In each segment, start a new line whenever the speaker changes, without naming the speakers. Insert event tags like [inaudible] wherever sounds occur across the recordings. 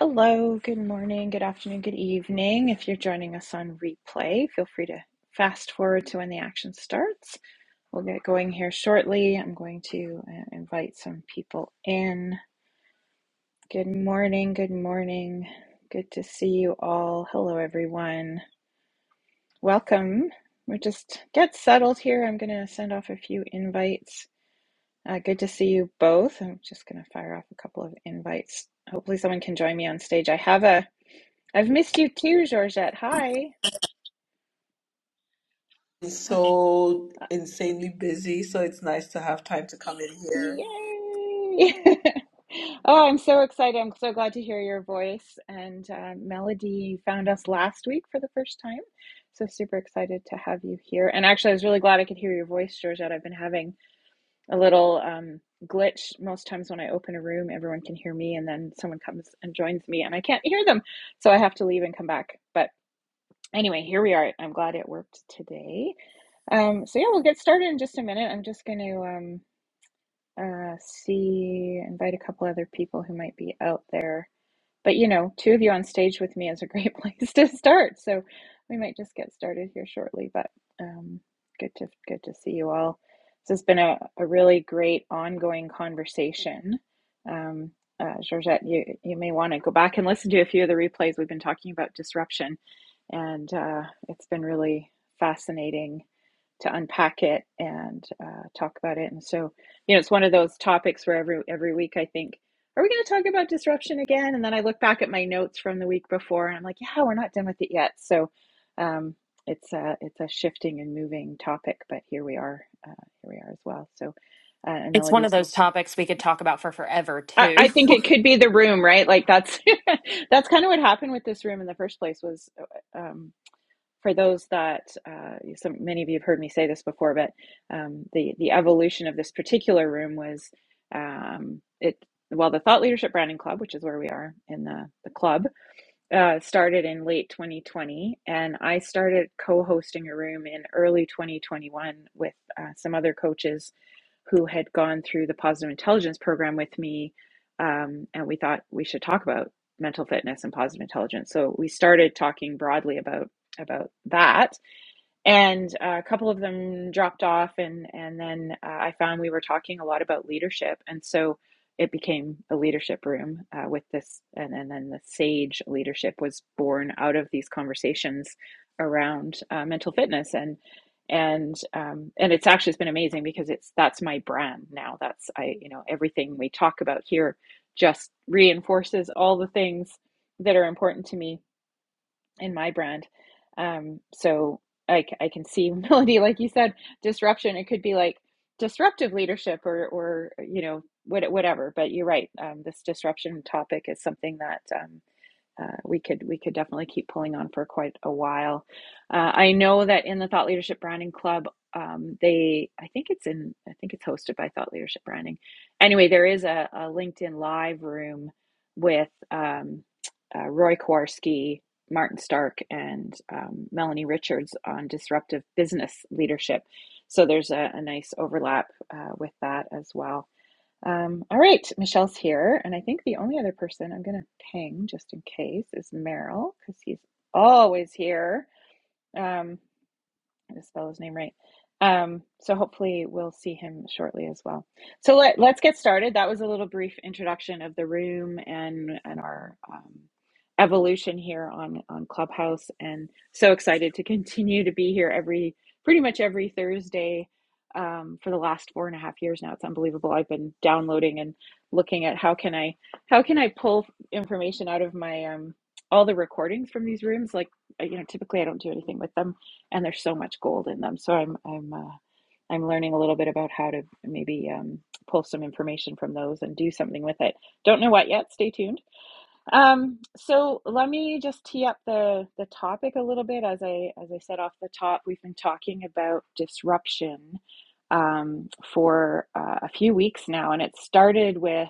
Hello, good morning, good afternoon, good evening. If you're joining us on replay, feel free to fast forward to when the action starts. We'll get going here shortly. I'm going to uh, invite some people in. Good morning, good morning. Good to see you all. Hello, everyone. Welcome. We just get settled here. I'm going to send off a few invites. Uh, good to see you both. I'm just going to fire off a couple of invites. Hopefully, someone can join me on stage. I have a I've missed you too, Georgette. Hi.
is so
[laughs]
insanely busy, so it's nice to have time to come in here.
Yay. [laughs] Oh, I'm so excited. I'm so glad to hear your voice. And uh, Melody found us last week for the first time. So super excited to have you here. And actually, I was really glad I could hear your voice, Georgette. I've been having a little um, glitch. Most times when I open a room, everyone can hear me, and then someone comes and joins me, and I can't hear them. So I have to leave and come back. But anyway, here we are. I'm glad it worked today. Um, so yeah, we'll get started in just a minute. I'm just going to um, uh, see, invite a couple other people who might be out there. But you know, two of you on stage with me is a great [laughs] place to start. So we might just get started here shortly. But um, good to good to see you all. This has been a, a really great ongoing conversation. Um, uh, Georgette, you you may want to go back and listen to a few of the replays. We've been talking about disruption, and uh, it's been really fascinating to unpack it and uh, talk about it. And so, you know, it's one of those topics where every every week I think are we going to talk about disruption again? And then I look back at my notes from the week before and I'm like, yeah, we're not done with it yet. So um, it's a, it's a shifting and moving topic, but here we are. Uh, here we are as well. So, uh, and
It's one of
Melody's,
those topics we could talk about for forever,
I,
too.
I think it could be the room, right? Like that's, [laughs] that's kind of what happened with this room in the first place was, uh, um, for those that uh, some many of you have heard me say this before, but um, the the evolution of this particular room was um, it well the Thought Leadership Branding Club, which is where we are in the the club uh, started in late 2020, and I started co hosting a room in early 2021 with uh, some other coaches who had gone through the positive intelligence program with me. Um, and we thought we should talk about mental fitness and positive intelligence. So we started talking broadly about about that and uh, a couple of them dropped off and and then uh, i found we were talking a lot about leadership and so it became a leadership room uh, with this and, and then the sage leadership was born out of these conversations around uh, mental fitness and and um, and it's actually it's been amazing because it's that's my brand now that's i you know everything we talk about here just reinforces all the things that are important to me in my brand. Um, so I I can see [laughs] Melody, like you said, disruption. It could be like disruptive leadership or, or you know, what, whatever. But you're right. Um, this disruption topic is something that um, uh, we could we could definitely keep pulling on for quite a while. Uh, I know that in the Thought Leadership Branding Club, um, they I think it's in I think it's hosted by Thought Leadership Branding. Anyway, there is a, a LinkedIn Live room with um, uh, Roy Kowarski, Martin Stark, and um, Melanie Richards on disruptive business leadership. So there's a, a nice overlap uh, with that as well. Um, all right, Michelle's here, and I think the only other person I'm going to ping just in case is Merrill because he's always here. Um, I just spell his name right. Um, so hopefully we'll see him shortly as well. So let let's get started. That was a little brief introduction of the room and and our um, evolution here on on Clubhouse. And so excited to continue to be here every pretty much every Thursday um, for the last four and a half years now. It's unbelievable. I've been downloading and looking at how can I how can I pull information out of my um, all the recordings from these rooms. Like uh, you know, typically I don't do anything with them and there's so much gold in them. So I'm I'm uh, I'm learning a little bit about how to maybe um, pull some information from those and do something with it. Don't know what yet. Stay tuned um, so let me just tee up the the topic a little bit. As I as I said off the top, we've been talking about disruption um, for uh, a few weeks now, and it started with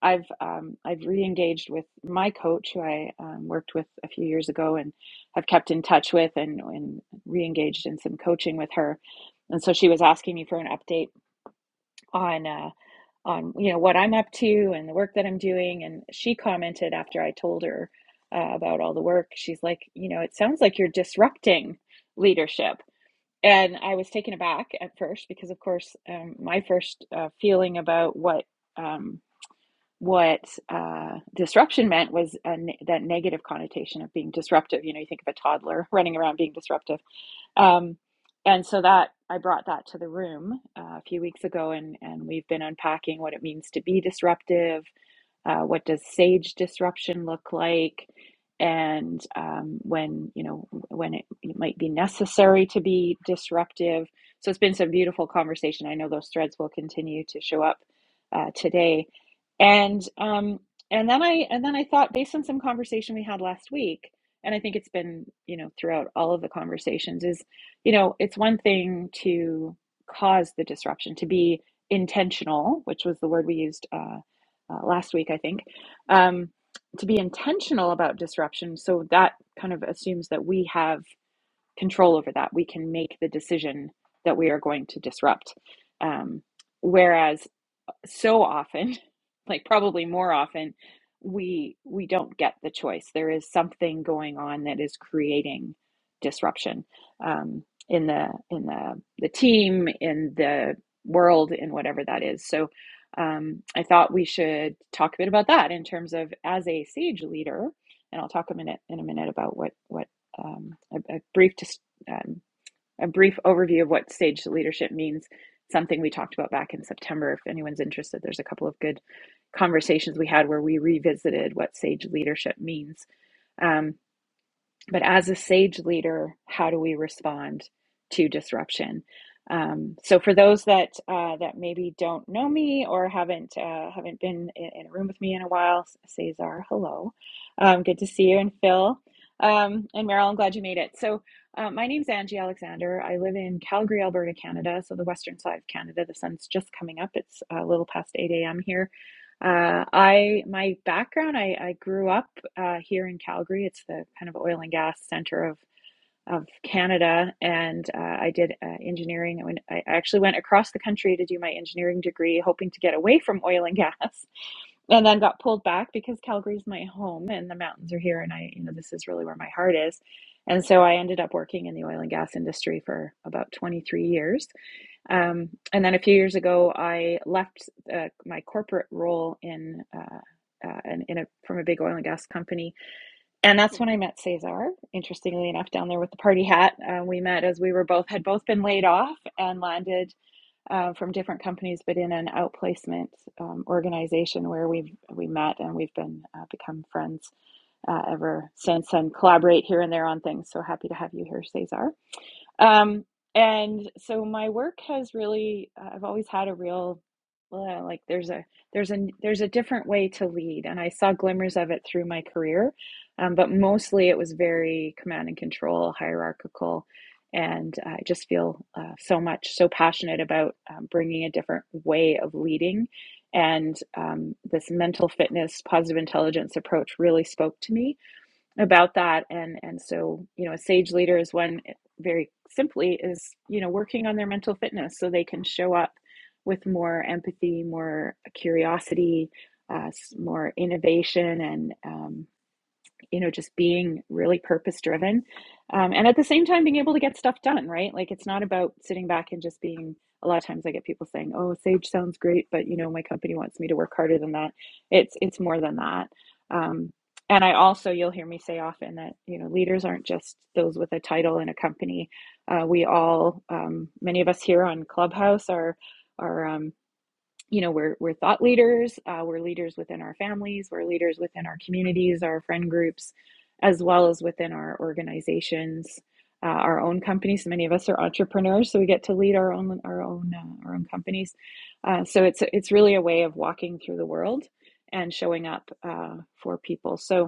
I've um, I've re-engaged with my coach who I um, worked with a few years ago and have kept in touch with and, and re-engaged in some coaching with her. And so she was asking me for an update on. uh, on you know what I'm up to and the work that I'm doing. And she commented after I told her uh, about all the work. She's like, you know, it sounds like you're disrupting leadership. And I was taken aback at first because, of course, um, my first uh, feeling about what um, what uh, disruption meant was a ne- that negative connotation of being disruptive. You know, you think of a toddler [laughs] running around being disruptive um, and so that I brought that to the room uh, a few weeks ago, and and we've been unpacking what it means to be disruptive, uh, what does sage disruption look like and um, when you know when it, it might be necessary to be disruptive so it's been some beautiful conversation i know those threads will continue to show up uh, today and um, and then i and then i thought based on some conversation we had last week and i think it's been you know throughout all of the conversations is you know it's one thing to cause the disruption to be intentional which was the word we used uh, uh, last week, I think, um, to be intentional about disruption. So that kind of assumes that we have control over that. We can make the decision that we are going to disrupt. Um, whereas so often [laughs] like probably more often we we don't get the choice there is something going on that is creating disruption um, in the in the the team in the world in whatever that is so um, i thought we should talk a bit about that in terms of as a sage leader and i'll talk a minute in a minute about what what um, a, a brief dis- um, a brief overview of what stage leadership means, something we talked about back in September. If anyone's interested, there's a couple of good conversations we had where we revisited what sage leadership means. Um, but as a sage leader, how do we respond to disruption? Um, so, for those that uh, that maybe don't know me or haven't uh, haven't been in, in a room with me in a while, Cesar, hello, um, good to see you, and Phil um, and Meryl, I'm glad you made it. So, uh, my name's Angie Alexander. I live in Calgary, Alberta, Canada, so the western side of Canada. The sun's just coming up; it's uh, a little past 8 a.m. here uh, I my background, I, I grew up uh, here in Calgary. It's the kind of oil and gas center of of Canada, and uh, I did uh, engineering. I, went, I actually went across the country to do my engineering degree, hoping to get away from oil and [laughs] gas, and then got pulled back because Calgary's my home, and the mountains are here, and I, you know, this is really where my heart is. And so I ended up working in the oil and gas industry for about 23 years um, and then a few years ago, I left uh, my corporate role in uh, uh, in, in a, from a big oil and gas company, and that's when I met Cesar. Interestingly enough, down there with the party hat, uh, we met as we were both had both been laid off and landed uh, from different companies, but in an outplacement um, organization where we have we met and we've been uh, become friends uh, ever since, and collaborate here and there on things. So happy to have you here, Cesar. Um, and so my work has really, uh, I've always had a real, uh, like there's a there's a there's a different way to lead, and I saw glimmers of it through my career, um, but mostly it was very command and control, hierarchical, and I just feel uh, so much so passionate about um, bringing a different way of leading, and um, this mental fitness, positive intelligence approach really spoke to me about that and and so you know a sage leader is one eh, very simply is you know working on their mental fitness so they can show up with more empathy more curiosity uh, more innovation and um, you know, just being really purpose driven. Um, and at the same time, being able to get stuff done, right? Like it's not about sitting back and just being, a lot of times I get people saying, oh, Sage sounds great, but you know, my company wants me to work harder than that. It's, it's more than that. Um, and I also, you'll hear me say often that, you know, leaders aren't just those with a title in a company. Uh, we all, um, many of us here on Clubhouse are, are, um, you know we're we're thought leaders uh, we're leaders within our families we're leaders within our communities our friend groups as well as within our organizations uh, our own companies So many of us are entrepreneurs so we get to lead our own our own uh, our own companies uh, so it's it's really a way of walking through the world and showing up uh, for people so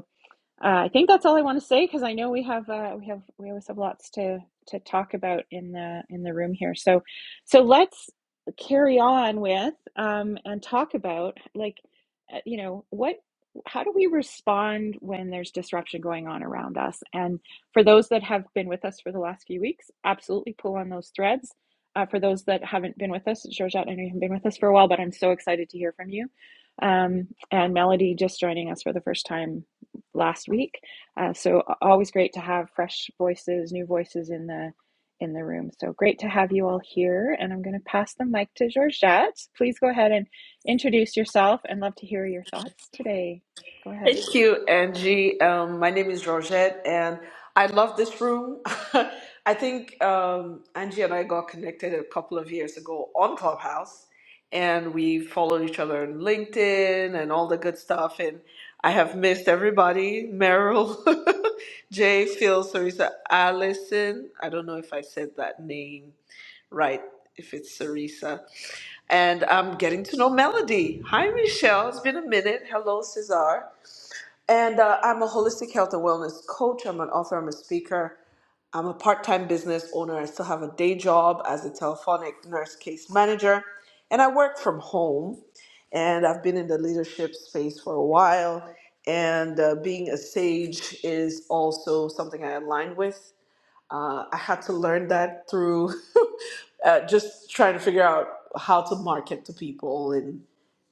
uh, I think that's all I want to say because I know we have uh, we have we always have lots to to talk about in the in the room here. So so let's carry on with um, and talk about like uh, you know what how do we respond when there's disruption going on around us? And for those that have been with us for the last few weeks, absolutely pull on those threads. Uh, for those that haven't been with us, Georgette, I know you haven't been with us for a while, but I'm so excited to hear from you. Um, and Melody just joining us for the first time last week. Uh, so always great to have fresh voices, new voices in the in the room. So great to have you all here. And I'm going to pass the mic to Georgette. Please go ahead and introduce yourself, and love to hear your thoughts today. Go ahead.
Thank you, Angie. Um, my name is Georgette, and I love this room. [laughs] I think um, Angie and I got connected a couple of years ago on Clubhouse, and we followed each other on LinkedIn and all the good stuff. And I have missed everybody Meryl, [laughs] Jay, Phil, Sarisa, Allison. I don't know if I said that name right, if it's Sarisa. and I'm getting to know Melody. Hi, Michelle. It's been a minute. Hello, Cesar. And uh, I'm a holistic health and wellness coach. I'm an author. I'm a speaker. I'm a part time business owner. I still have a day job as a telephonic nurse case manager. And I work from home. And I've been in the leadership space for a while. And uh, being a sage is also something I align with. Uh, I had to learn that through [laughs] uh, just trying to figure out how to market to people and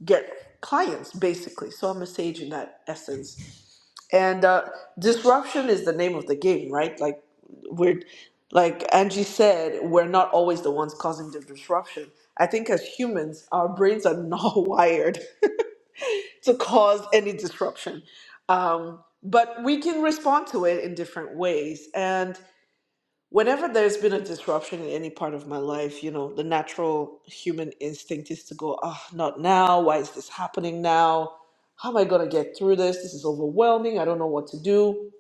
get clients, basically. So I'm a sage in that essence. And uh, disruption is the name of the game, right? Like we're, like Angie said, we're not always the ones causing the disruption. I think as humans, our brains are not [laughs] wired to cause any disruption, um, but we can respond to it in different ways. And Whenever there's been a disruption in any part of my life, you know, the natural human instinct is to go, oh, not now. Why is this happening now? How am I going to get through this? This is overwhelming. I don't know what to do.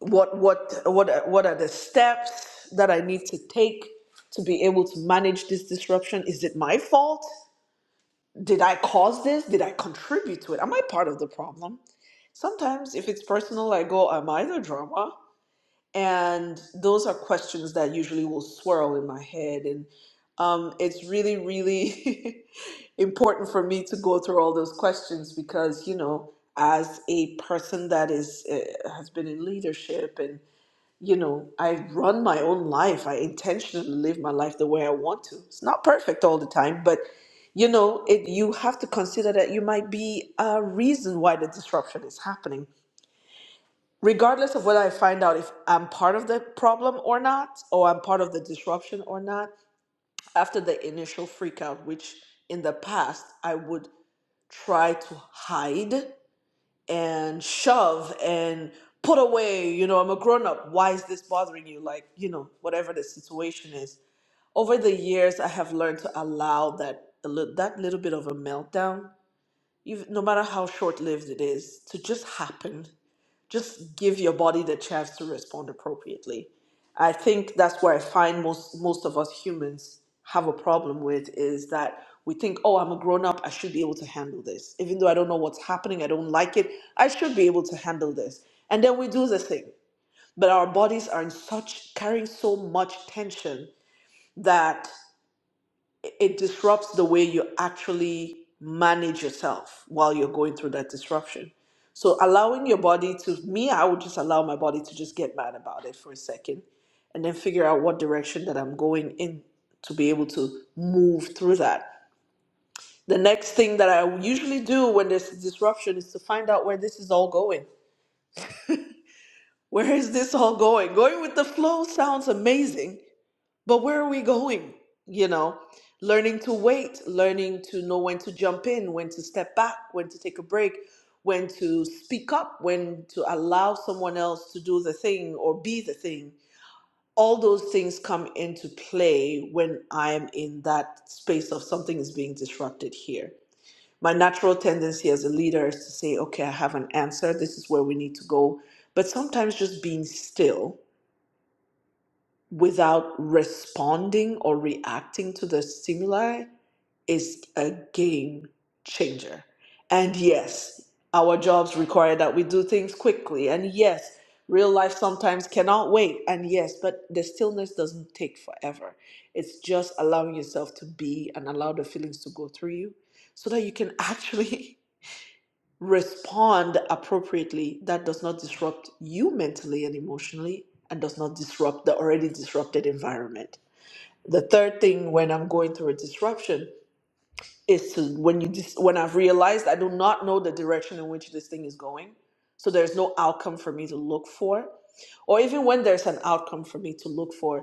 What, what, what, what are the steps that I need to take to be able to manage this disruption? Is it my fault? Did I cause this? Did I contribute to it? Am I part of the problem? Sometimes, if it's personal, I go, Am I the drama? And those are questions that usually will swirl in my head. And um, it's really, really [laughs] important for me to go through all those questions because, you know, as a person that is uh, has been in leadership and you know i run my own life i intentionally live my life the way i want to it's not perfect all the time but you know it you have to consider that you might be a reason why the disruption is happening regardless of whether I find out if I'm part of the problem or not, or I'm part of the disruption or not, after the initial freakout, which in the past I would try to hide and shove and put away, you know, I'm a grown up. Why is this bothering you? Like, you know, whatever the situation is. Over the years, I have learned to allow that a lit- that little bit of a meltdown, even, no matter how short lived it is, to just happen just give your body the chance to respond appropriately. I think that's where I find most most of us humans have a problem with is that we think, oh, I'm a grown up, I should be able to handle this. Even though I don't know what's happening, I don't like it, I should be able to handle this. And then we do the thing. But our bodies are in such carrying so much tension that it disrupts the way you actually manage yourself while you're going through that disruption. So allowing your body to me, I would just allow my body to just get mad about it for a second and then figure out what direction that I'm going in to be able to move through that. The next thing that I usually do when there's disruption is to find out where this is all going. Where is this all going? Going with the flow sounds amazing, But where are we going? You know, learning to wait, learning to know when to jump in, when to step back, when to take a break, when to speak up, when to allow someone else to do the thing or be the thing. All those things come into play when I am in that space of something is being disrupted here. My natural tendency as a leader is to say, okay, I have an answer. This is where we need to go. But sometimes just being still without responding or reacting to the stimuli is a game changer. And yes, our jobs require that we do things quickly. And yes, real life sometimes cannot wait. And yes, but the stillness doesn't take forever. It's just allowing yourself to be and allow the feelings to go through you so that you can actually [laughs] respond appropriately that does not disrupt you mentally and emotionally and does not disrupt the already disrupted environment the third thing when i'm going through a disruption is to when you dis- when i've realized i do not know the direction in which this thing is going so there's no outcome for me to look for or even when there's an outcome for me to look for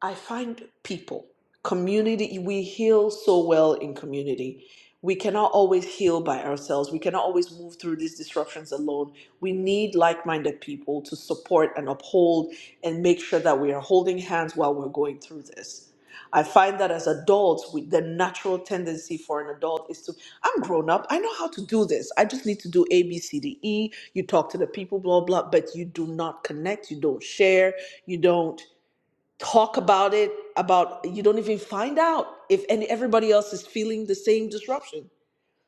I find people, community, we heal so well in community. We cannot always heal by ourselves. We cannot always move through these disruptions alone. We need like minded people to support and uphold and make sure that we are holding hands while we're going through this. I find that as adults, we, the natural tendency for an adult is to, I'm grown up, I know how to do this. I just need to do A, B, C, D, E. You talk to the people, blah, blah, but you do not connect, you don't share, you don't talk about it about you don't even find out if any everybody else is feeling the same disruption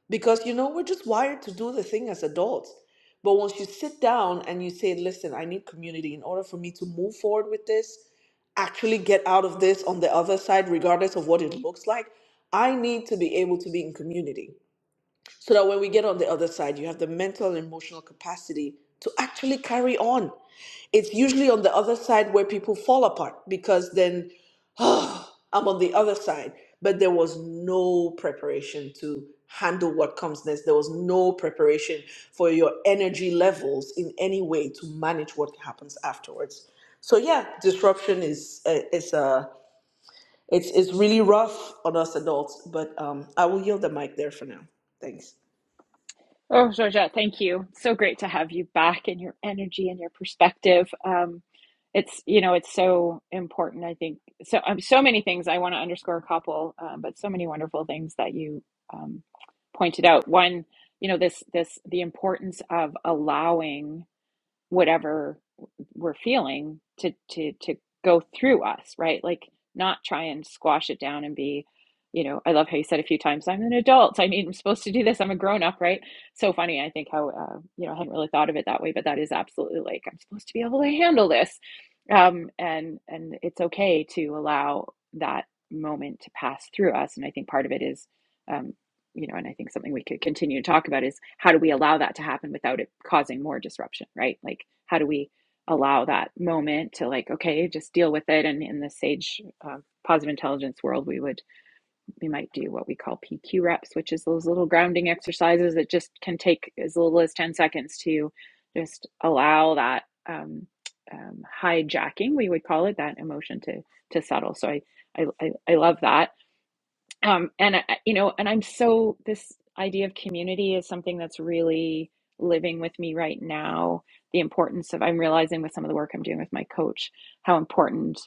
because you know we're just wired to do the thing as adults but once you sit down and you say listen i need community in order for me to move forward with this actually get out of this on the other side regardless of what it looks like i need to be able to be in community so that when we get on the other side, you have the mental and emotional capacity to actually carry on. It's usually on the other side where people fall apart because then, [sighs] oh, I'm on the other side. But there was no preparation to handle what comes next. There was no preparation for your energy levels in any way to manage what happens afterwards. So yeah, disruption is uh, is uh it's it's really rough on us adults. But um, I will yield the mic there for now. Thanks.
Oh, Georgette, thank you. So great to have you back and your energy and your perspective. Um, it's, you know, it's so important, I think. So, um, so many things I want to underscore a couple, um, but so many wonderful things that you um, pointed out. One, you know, this, this, the importance of allowing whatever we're feeling to to to go through us right like not try and squash it down and be you know i love how you said a few times i'm an adult i mean i'm supposed to do this i'm a grown up right so funny i think how uh, you know i hadn't really thought of it that way but that is absolutely like i'm supposed to be able to handle this um and and it's okay to allow that moment to pass through us and i think part of it is um, you know, and I think something we could continue to talk about is how do we allow that to happen without it causing more disruption, right? Like, how do we allow that moment to like, okay, just deal with it? And in the sage uh, positive intelligence world, we would we might do what we call PQ reps, which is those little grounding exercises that just can take as little as ten seconds to just allow that um, um, hijacking, we would call it that emotion to to settle. So I I I, I love that um, and I, you know and i'm so this idea of community is something that's really living with me right now the importance of i'm realizing with some of the work i'm doing with my coach how important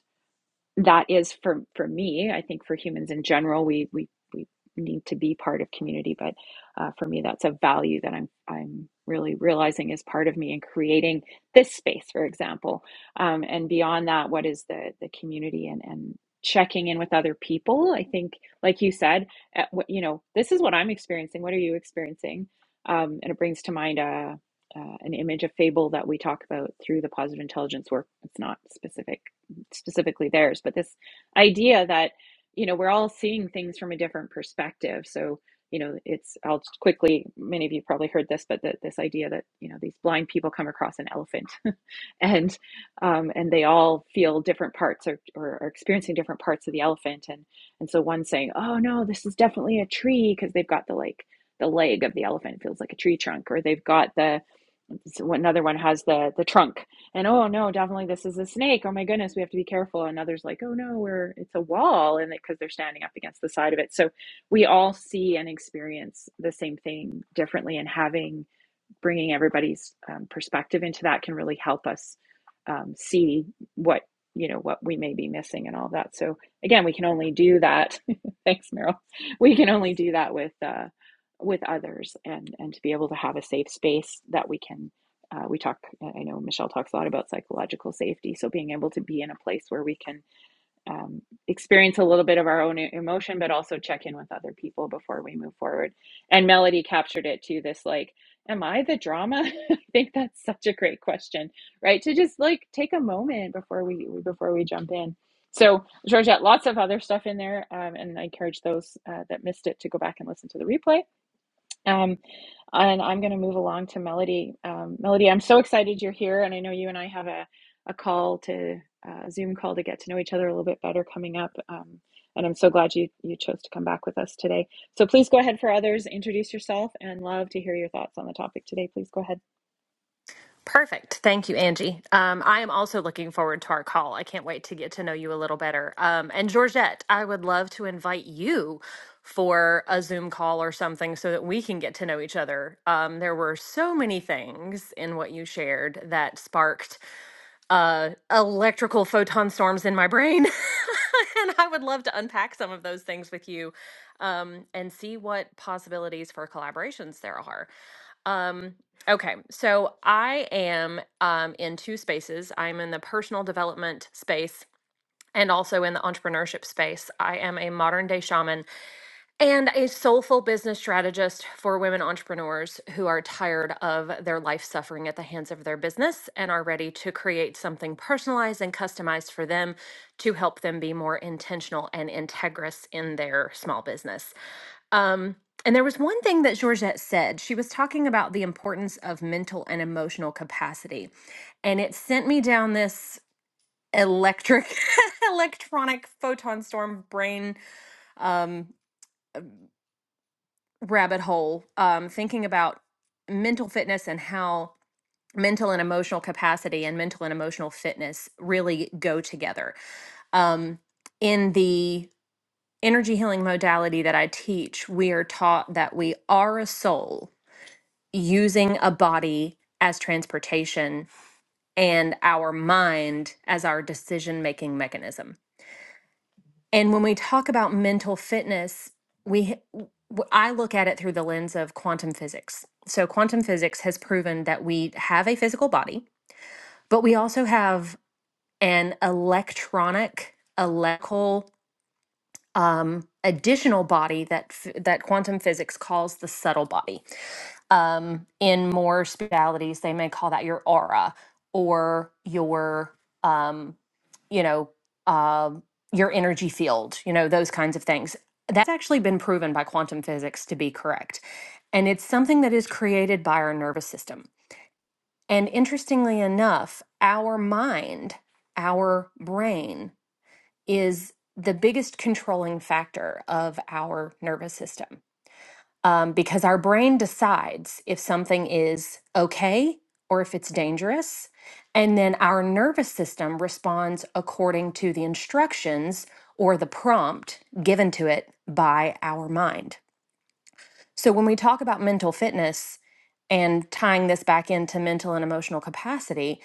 that is for for me i think for humans in general we we we need to be part of community but uh, for me that's a value that i'm i'm really realizing is part of me in creating this space for example um, and beyond that what is the the community and and checking in with other people i think like you said at, what- you know this is what i'm experiencing what are you experiencing um, and it brings to mind a uh, an image a fable that we talk about through the positive intelligence work it's not specific specifically theirs, but this idea that, you know, we're all seeing things from a different perspective. So, you know, it's, I'll quickly, many of you probably heard this, but the, this idea that, you know, these blind people come across an elephant [laughs] and, um, and they all feel different parts or, or are experiencing different parts of the elephant. And, and so one's saying, oh no, this is definitely a tree because they've got the like, the leg of the elephant feels like a tree trunk, or they've got the, so another one has the the trunk and oh no definitely this is a snake oh my goodness we have to be careful and others like oh no we're it's a wall and because they're standing up against the side of it so we all see and experience the same thing differently and having bringing everybody's um, perspective into that can really help us um, see what you know what we may be missing and all that so again we can only do that [laughs] thanks meryl we can only do that with uh, with others and and to be able to have a safe space that we can uh, we talk i know michelle talks a lot about psychological safety so being able to be in a place where we can um, experience a little bit of our own e- emotion, but also check in with other people before we move forward. And Melody captured it too this like, am I the drama? [laughs] I think that's such a great question, right? To just like take a moment before we before we jump in. So, Georgette, lots of other stuff in there, um, and I encourage those uh, that missed it to go back and listen to the replay um, and I'm going to move along to Melody. Um, Melody, I'm so excited you're here, and I know you and I have a, a call to uh, a Zoom call to get to know each other a little bit better coming up. Um, and I'm so glad you you chose to come back with us today. So please go ahead for others, introduce yourself, and love to hear your thoughts on the topic today. Please go ahead.
Perfect. Thank you, Angie. Um, I am also looking forward to our call. I can't wait to get to know you a little better. Um, and Georgette, I would love to invite you for a Zoom call or something so that we can get to know each other. Um, there were so many things in what you shared that sparked uh, electrical photon storms in my brain. [laughs] and I would love to unpack some of those things with you um, and see what possibilities for collaborations there are. Um, okay, so I am um, in two spaces. I'm in the personal development space and also in the entrepreneurship space. I am a modern day shaman and a soulful business strategist for women entrepreneurs who are tired of their life suffering at the hands of their business and are ready to create something personalized and customized for them to help them be more intentional and integrous in their small business. Um, and there was one thing that Georgette said. She was talking about the importance of mental and emotional capacity. And it sent me down this electric, [laughs] electronic photon storm brain um, rabbit hole, um, thinking about mental fitness and how mental and emotional capacity and mental and emotional fitness really go together. Um, in the energy healing modality that I teach, we are taught that we are a soul using a body as transportation and our mind as our decision making mechanism. And when we talk about mental fitness, we w- I look at it through the lens of quantum physics. So quantum physics has proven that we have a physical body, but we also have an electronic electrical um, additional body that f- that quantum physics calls the subtle body. um, in more spiritualities they may call that your aura or your um, you know uh, your energy field you know those kinds of things that's actually been proven by quantum physics to be correct and it's something that is created by our nervous system and interestingly enough our mind our brain is the biggest controlling factor of our nervous system um, because our brain decides if something is okay or if it's dangerous. And then our nervous system responds according to the instructions or the prompt given to it by our mind. So when we talk about mental fitness and tying this back into mental and emotional capacity,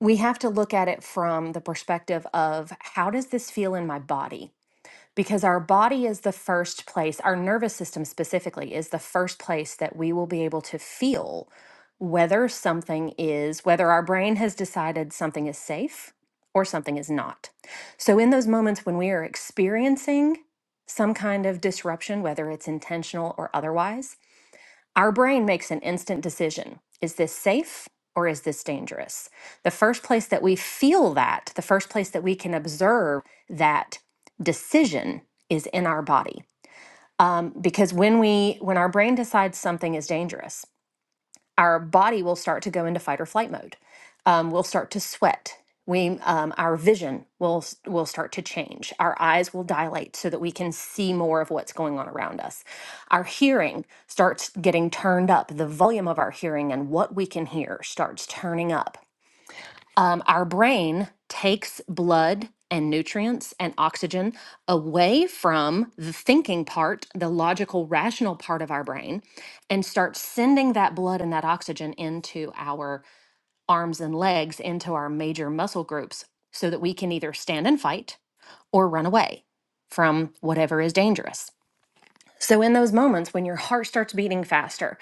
we have to look at it from the perspective of how does this feel in my body? because our body is the first place, our nervous system specifically is the first place that we will be able to feel whether something is, whether our brain has decided something is safe or something is not. So, in those moments when we are experiencing some kind of disruption, whether it's intentional or otherwise, our brain makes an instant decision is this safe or is this dangerous? The first place that we feel that, the first place that we can observe that decision is in our body. Um, because when we when our brain decides something is dangerous our body will start to go into fight or flight mode. Um, we'll start to sweat. We, um, our vision will s- will start to change. Our eyes will dilate so that we can see more of what's going on around us. Our hearing starts getting turned up. The volume of our hearing and what we can hear starts turning up um, our brain takes blood and nutrients and oxygen away from the thinking part, the logical, rational part of our brain, and starts sending that blood and that oxygen into our arms and legs, into our major muscle groups, so that we can either stand and fight or run away from whatever is dangerous. So, in those moments when your heart starts beating faster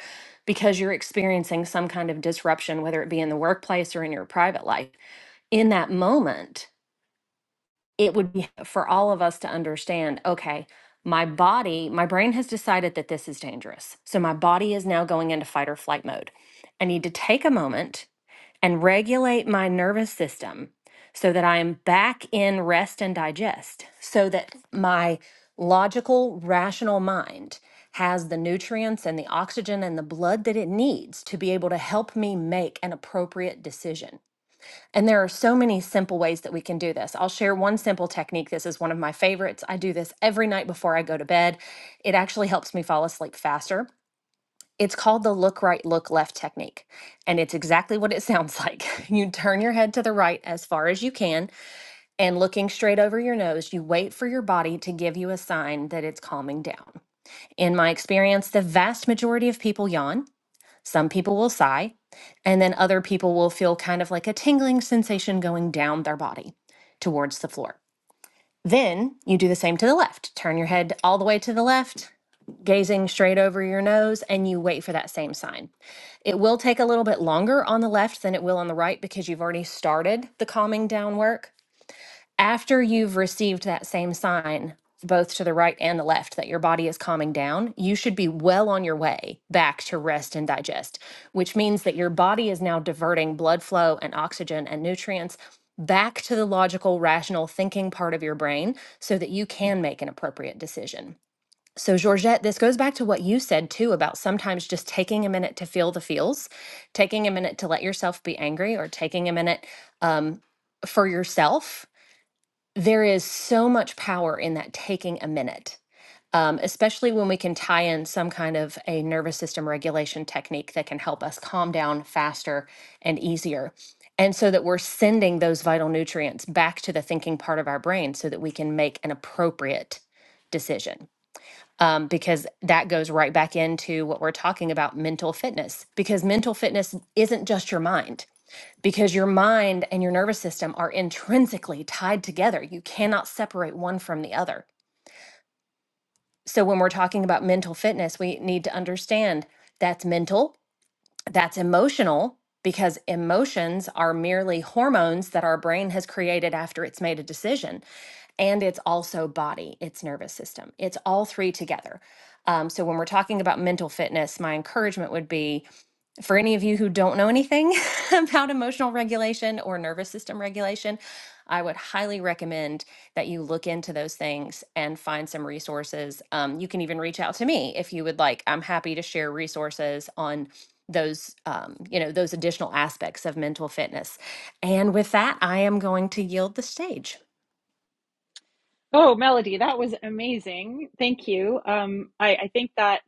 because you're experiencing some kind of disruption, whether it be in the workplace or in your private life, in that moment, it would be for all of us to understand okay, my body, my brain has decided that this is dangerous. So, my body is now going into fight or flight mode. I need to take a moment and regulate my nervous system so that I am back in rest and digest, so that my logical, rational mind has the nutrients and the oxygen and the blood that it needs to be able to help me make an appropriate decision. And there are so many simple ways that we can do this. I'll share one simple technique. This is one of my favorites. I do this every night before I go to bed. It actually helps me fall asleep faster it's called the look right, look left technique. And it's exactly what it sounds like. [laughs] You turn your head to the right as far as you can, and looking straight over your nose, you wait for your body to give you a sign that it's calming down. In my experience, the vast majority of people yawn. Some people will sigh, and then other people will feel kind of like a tingling sensation going down their body towards the floor. Then you do the same to the left. Turn your head all the way to the left gazing straight over your nose and you wait for that same sign. It will take a little bit longer on the left than it will on the right because you've already started the calming down work. After you've received that same sign, both to the right and the left, that your body is calming down, you should be well on your way back to rest and digest, which means that your body is now diverting blood flow and oxygen and nutrients back to the logical, rational thinking part of your brain so that you can make an appropriate decision. So, Georgette, this goes back to what you said too about sometimes just taking a minute to feel the feels, taking a minute to let yourself be angry, or taking a minute um, for yourself. There is so much power in that taking a minute, um, especially when we can tie in some kind of a nervous system regulation technique that can help us calm down faster and easier. And so that we're sending those vital nutrients back to the thinking part of our brain so that we can make an appropriate decision um, because that goes right back into what we're talking about mental fitness. Because mental fitness isn't just your mind, because your mind and your nervous system are intrinsically tied together. You cannot separate one from the other. So when we're talking about mental fitness, we need to understand that's mental that's emotional because emotions are merely hormones that our brain has created after it's made a decision and it's also body, it's nervous system. It's all three together. Um, so when we're talking about mental fitness, my encouragement would be for any of you who don't know anything [laughs] about emotional regulation or nervous system regulation, I would highly recommend that you look into those things and find some resources. Um, you can even reach out to me if you would like. I'm happy to share resources on those um, you know those additional aspects of mental fitness and with that i am going to yield the stage
Oh, Melody, that was amazing. Thank you. Um, I, I think that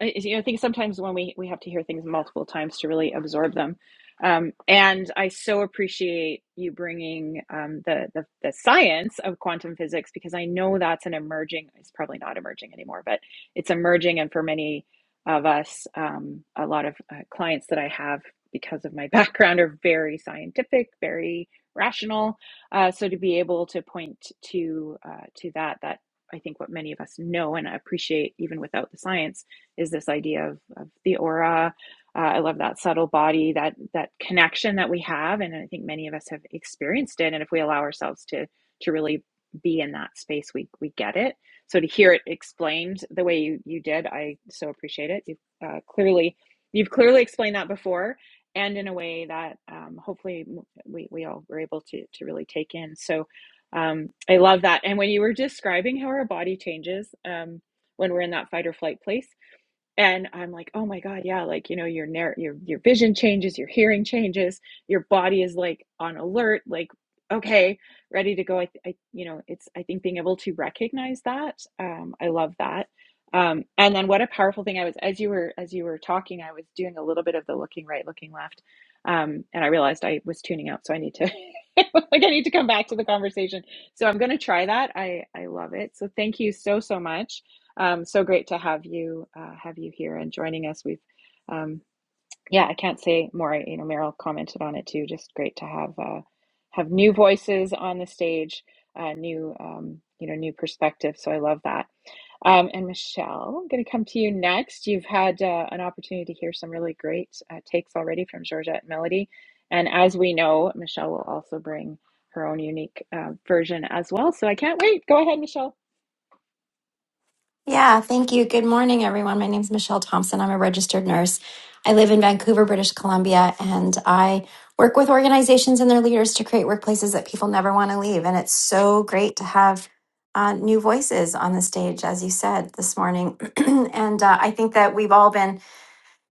I- you know, I think sometimes when we we have to hear things multiple times to really absorb them. Um, and I so appreciate you bringing um, the, the the science of quantum physics because I know that's an emerging. It's probably not emerging anymore, but it's emerging, and for many of us, um, a lot of uh, clients that I have because of my [laughs] background are very scientific, very rational uh, so to be able to point to uh, to that, that I think what many of us know and appreciate even without the science is this idea of, of the aura. Uh, I love that subtle body, that that connection that we have, and I think many of us have experienced it. And if we allow ourselves to to really be in that space, we we get it. So to hear it explained the way you, you did, I so appreciate it. You've uh, clearly you've clearly explained that before, and in a way that um, hopefully we, we all were able to, to really take in. So um, I love that. And when you were describing how our body changes um, when we're in that fight or flight place, and i'm like oh my god yeah like you know your narr- your your vision changes your hearing changes your body is like on alert like okay ready to go i, th- I you know it's i think being able to recognize that um i love that um and then what a powerful thing i was as you were as you were talking i was doing a little bit of the looking right looking left um and i realized i was tuning out so i need to [laughs] like i need to come back to the conversation so i'm going to try that i i love it so thank you so so much um, so great to have you uh, have you here and joining us. We've um, yeah, I can't say more. You know, Meryl commented on it too. Just great to have uh, have new voices on the stage, uh, new um, you know, new perspective. So I love that. Um, and Michelle, I'm going to come to you next. You've had uh, an opportunity to hear some really great uh, takes already from Georgette Melody, and as we know, Michelle will also bring her own unique uh, version as well. So I can't wait. Go ahead, Michelle.
Yeah, thank you. Good morning, everyone. My name is Michelle Thompson. I'm a registered nurse. I live in Vancouver, British Columbia, and I work with organizations and their leaders to create workplaces that people never want to leave. And it's so great to have uh, new voices on the stage, as you said this morning. [clears throat] and uh, I think that we've all been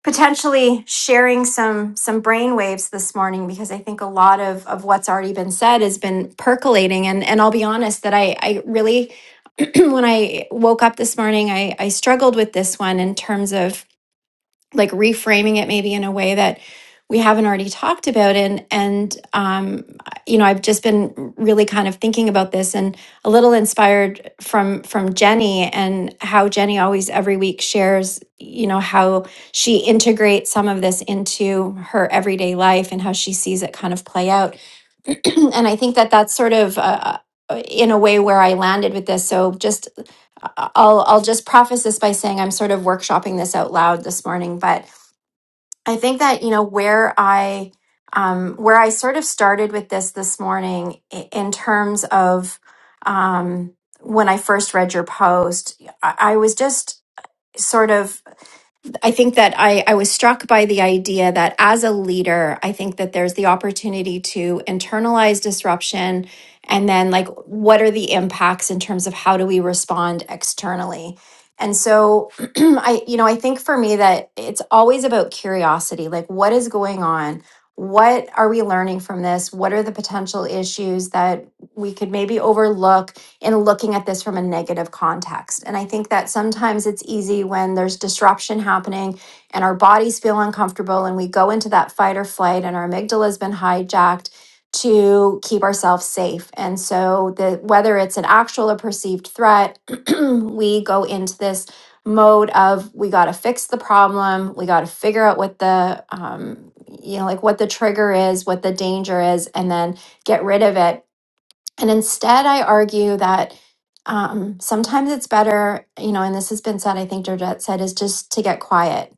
potentially sharing some some brain waves this morning because I think a lot of of what's already been said has been percolating and and I'll be honest that I I really [clears throat] when I woke up this morning I I struggled with this one in terms of like reframing it maybe in a way that we haven't already talked about and and um you know I've just been really kind of thinking about this and a little inspired from from Jenny and how Jenny always every week shares you know how she integrates some of this into her everyday life and how she sees it kind of play out [clears throat] and I think that that's sort of uh, uh, in a way where I landed with this so just uh, I'll I'll just preface this by saying I'm sort of workshopping this out loud this morning but I think that you know where I um, where I sort of started with this this morning i- in terms of um, when I first read your post, I, I was just sort of I think that I, I was struck by the idea that as a leader, I think that there's the opportunity to internalize disruption and then, like, what are the impacts in terms of how do we respond externally? And so, [clears throat] I, you know, I think for me that it's always about curiosity like, what is going on? What are we learning from this? What are the potential issues that we could maybe overlook? in looking at this from a negative context. And I think that sometimes it's easy when there's disruption happening and our bodies feel uncomfortable and we go into that fight or flight and our amygdala has been hijacked to keep ourselves safe. And so the whether it's an actual or perceived threat, [clears throat] we go into this mode of we got to fix the problem we got to figure out what the um, you know like what the trigger is what the danger is and then get rid of it and instead, I argue that um, sometimes it's better, you know, and this has been said, I think Georgette said, is just to get quiet.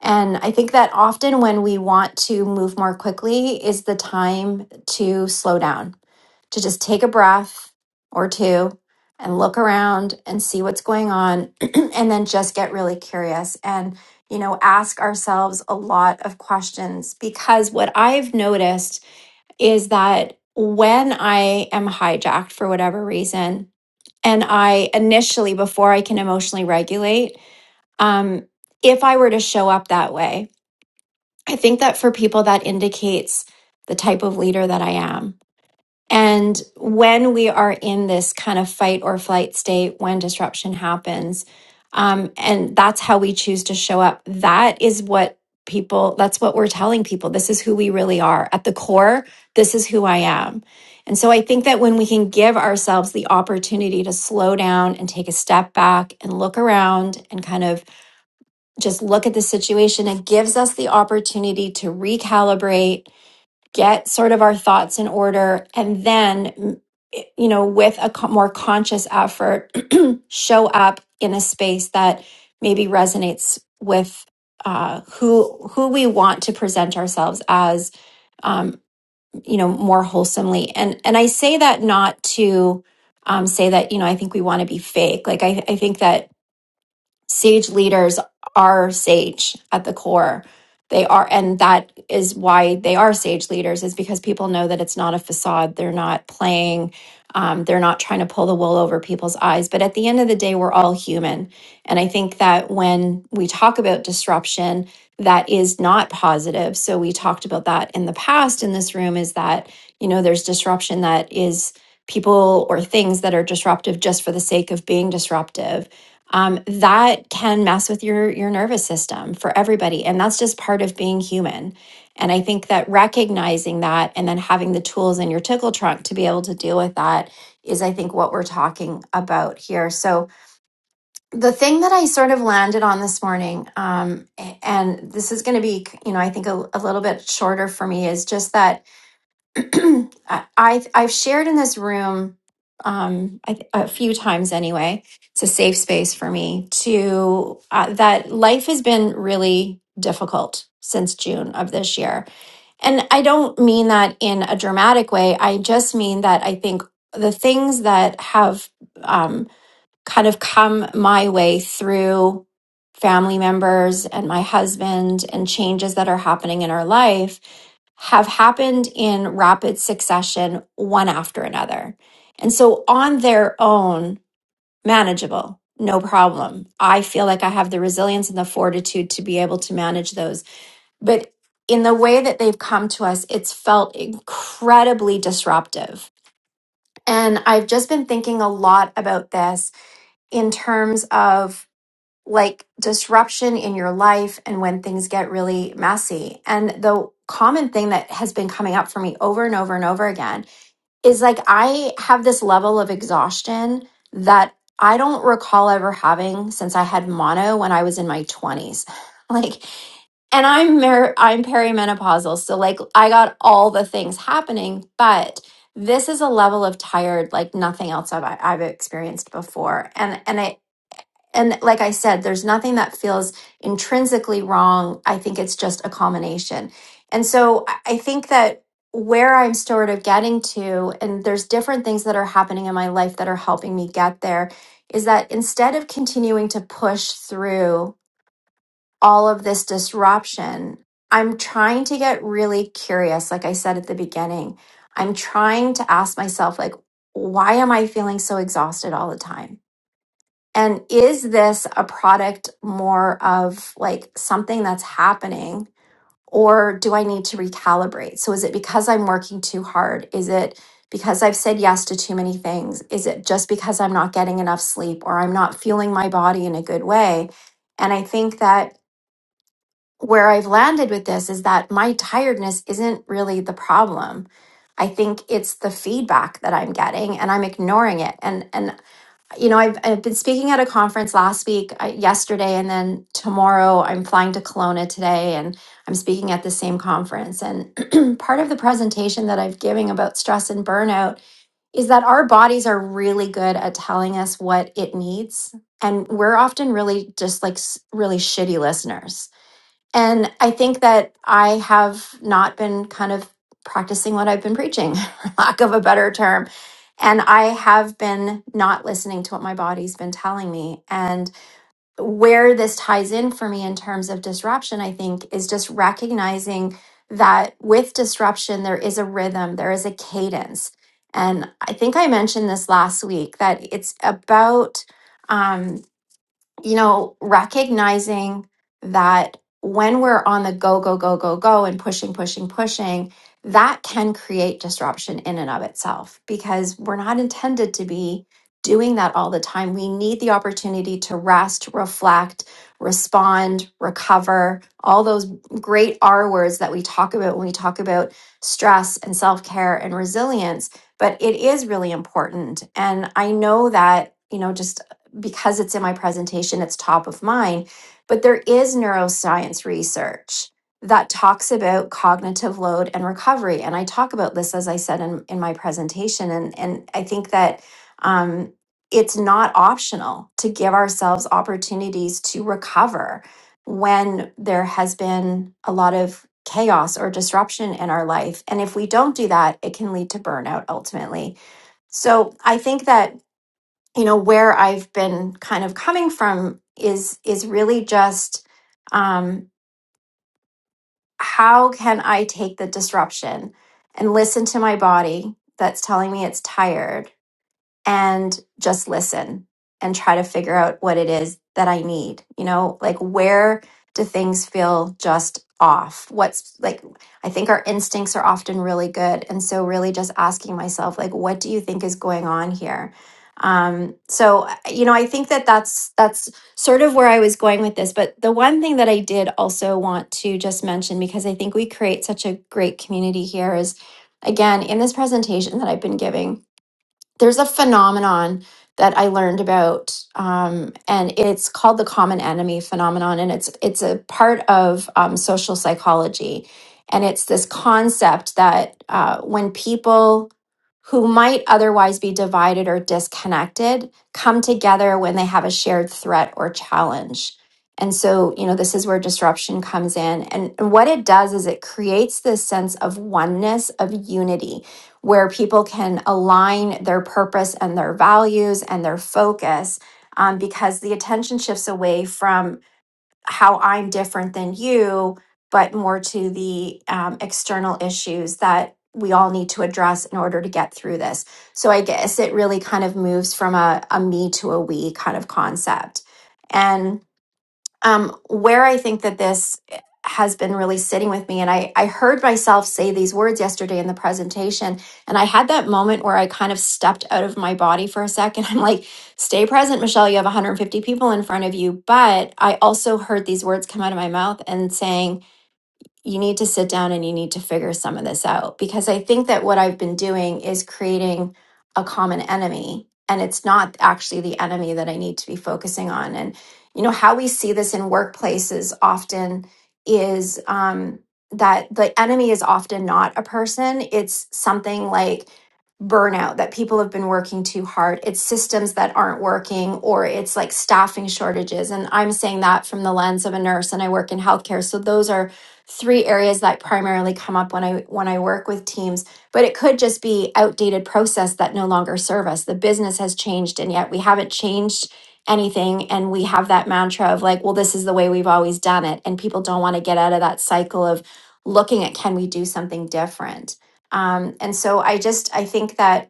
And I think that often when we want to move more quickly is the time to slow down, to just take a breath or two and look around and see what's going on, [clears throat] and then just get really curious and, you know, ask ourselves a lot of questions. Because what I've noticed is that when I am hijacked for whatever reason, and I initially, before I can emotionally regulate, um, if I were to show up that way, I think that for people that indicates the type of leader that I am. And when we are in this kind of fight or flight state, when disruption happens, um, and that's how we choose to show up, that is what people, that's what we're telling people. This is who we really are. At the core, this is who I am. And so I think that when we can give ourselves the opportunity to slow down and take a step back and look around and kind of just look at the situation, it gives us the opportunity to recalibrate get sort of our thoughts in order and then you know with a more conscious effort [clears throat] show up in a space that maybe resonates with uh, who who we want to present ourselves as um, you know more wholesomely and and I say that not to um, say that you know I think we want to be fake like I, I think that sage leaders are sage at the core they are and that is why they are sage leaders is because people know that it's not a facade they're not playing um, they're not trying to pull the wool over people's eyes but at the end of the day we're all human and i think that when we talk about disruption that is not positive so we talked about that in the past in this room is that you know there's disruption that is people or things that are disruptive just for the sake of being disruptive um, that can mess with your your nervous system for everybody and that's just part of being human and i think that recognizing that and then having the tools in your tickle trunk to be able to deal with that is i think what we're talking about here so the thing that i sort of landed on this morning um, a- and this is going to be you know i think a, a little bit shorter for me is just that [clears throat] I, I I've shared in this room um I, th- a few times anyway. It's a safe space for me to uh, that life has been really difficult since June of this year. And I don't mean that in a dramatic way. I just mean that I think the things that have um kind of come my way through family members and my husband and changes that are happening in our life have happened in rapid succession, one after another. And so, on their own, manageable, no problem. I feel like I have the resilience and the fortitude to be able to manage those. But in the way that they've come to us, it's felt incredibly disruptive. And I've just been thinking a lot about this in terms of like disruption in your life and when things get really messy. And the common thing that has been coming up for me over and over and over again is like I have this level of exhaustion that I don't recall ever having since I had mono when I was in my 20s. [laughs] Like and I'm mer- I'm perimenopausal, so like I got all the things happening, but this is a level of tired like nothing else I've, I've experienced before. And and it and like I said, there's nothing that feels intrinsically wrong. I think it's just a combination. And so I I think that where I'm sort of getting to, and there's different things that are happening in my life that are helping me get there, is that instead of continuing to push through all of this disruption, I'm trying to get really curious, like I said at the beginning. I'm trying to ask myself, like, why am I feeling so exhausted all the time? And is this a product more of like something that's happening, or do I need to recalibrate? So, is it because I'm working too hard? Is it because I've said yes to too many things? Is it just because I'm not getting enough sleep or I'm not fueling my body in a good way? And I think that where I've landed with this is that my tiredness isn't really the problem. I think it's the feedback that I'm getting and I'm ignoring it. And and you know, I've, I've been speaking at a conference last week, uh, yesterday, and then tomorrow I'm flying to Kelowna today, and I'm speaking at the same conference. And [clears throat] part of the presentation that I've giving about stress and burnout is that our bodies are really good at telling us what it needs, and we're often really just like s- really shitty listeners and I think that I have not been kind of practicing what I've been preaching, [laughs] for lack of a better term. And I have been not listening to what my body's been telling me. And where this ties in for me in terms of disruption, I think, is just recognizing that with disruption, there is a rhythm, there is a cadence. And I think I mentioned this last week that it's about. um, you know, recognizing that when we're on the go, go, go, go, go, and pushing, pushing, pushing, that can create disruption in and of itself because we're not intended to be doing that all the time. We need the opportunity to rest, reflect, respond, recover, all those great R words that we talk about when we talk about stress and self care and resilience. But it is really important. And I know that, you know, just because it's in my presentation, it's top of mind. But there is neuroscience research that talks about cognitive load and recovery. And I talk about this, as I said in, in my presentation. And, and I think that um, it's not optional to give ourselves opportunities to recover when there has been a lot of chaos or disruption in our life. And if we don't do that, it can lead to burnout ultimately. So I think that you know where i've been kind of coming from is is really just um how can i take the disruption and listen to my body that's telling me it's tired and just listen and try to figure out what it is that I need. You know, like where do things feel just off? What's like, I think our instincts are often really good. And so, really just asking myself, like, what do you think is going on here? Um, so you know, I think that that's that's sort of where I was going with this. But the one thing that I did also want to just mention because I think we create such a great community here is, again, in this presentation that I've been giving, there's a phenomenon that I learned about, um, and it's called the common enemy phenomenon, and it's it's a part of um, social psychology, and it's this concept that uh, when people who might otherwise be divided or disconnected come together when they have a shared threat or challenge. And so, you know, this is where disruption comes in. And, and what it does is it creates this sense of oneness, of unity where people can align their purpose and their values and their focus um, because the attention shifts away from how I'm different than you, but more to the um, external issues that we all need to address in order to get through this. So I guess it really kind of moves from a, a me to a we kind of concept. And um, where I think that this eh, has been really sitting with me, and I, I heard myself say these words yesterday in the presentation, and I had that moment where I kind of stepped out of my body for a second. [laughs] I'm like, stay present, Michelle, you have 150 people in front of you. But I also heard these words come out of my mouth and saying, you need to sit down and you need to figure some of this out because I think that what I've been doing is creating a common enemy and it's not actually the enemy that I need to be focusing on and you know how we see this in workplaces often is um that the enemy is often not a person it's something like burnout that people have been working too hard it's systems that aren't working or it's like staffing shortages and I'm saying that from the lens of a nurse and I work in healthcare so those are three areas that primarily come up when I when I work with teams, but it could just be outdated process that no longer serve us. The business has changed and yet we haven't changed anything and we have that mantra of like, well, this is the way we've always done it and people don't want to get out of that cycle of looking at can we do something different. Um, and so I just I think that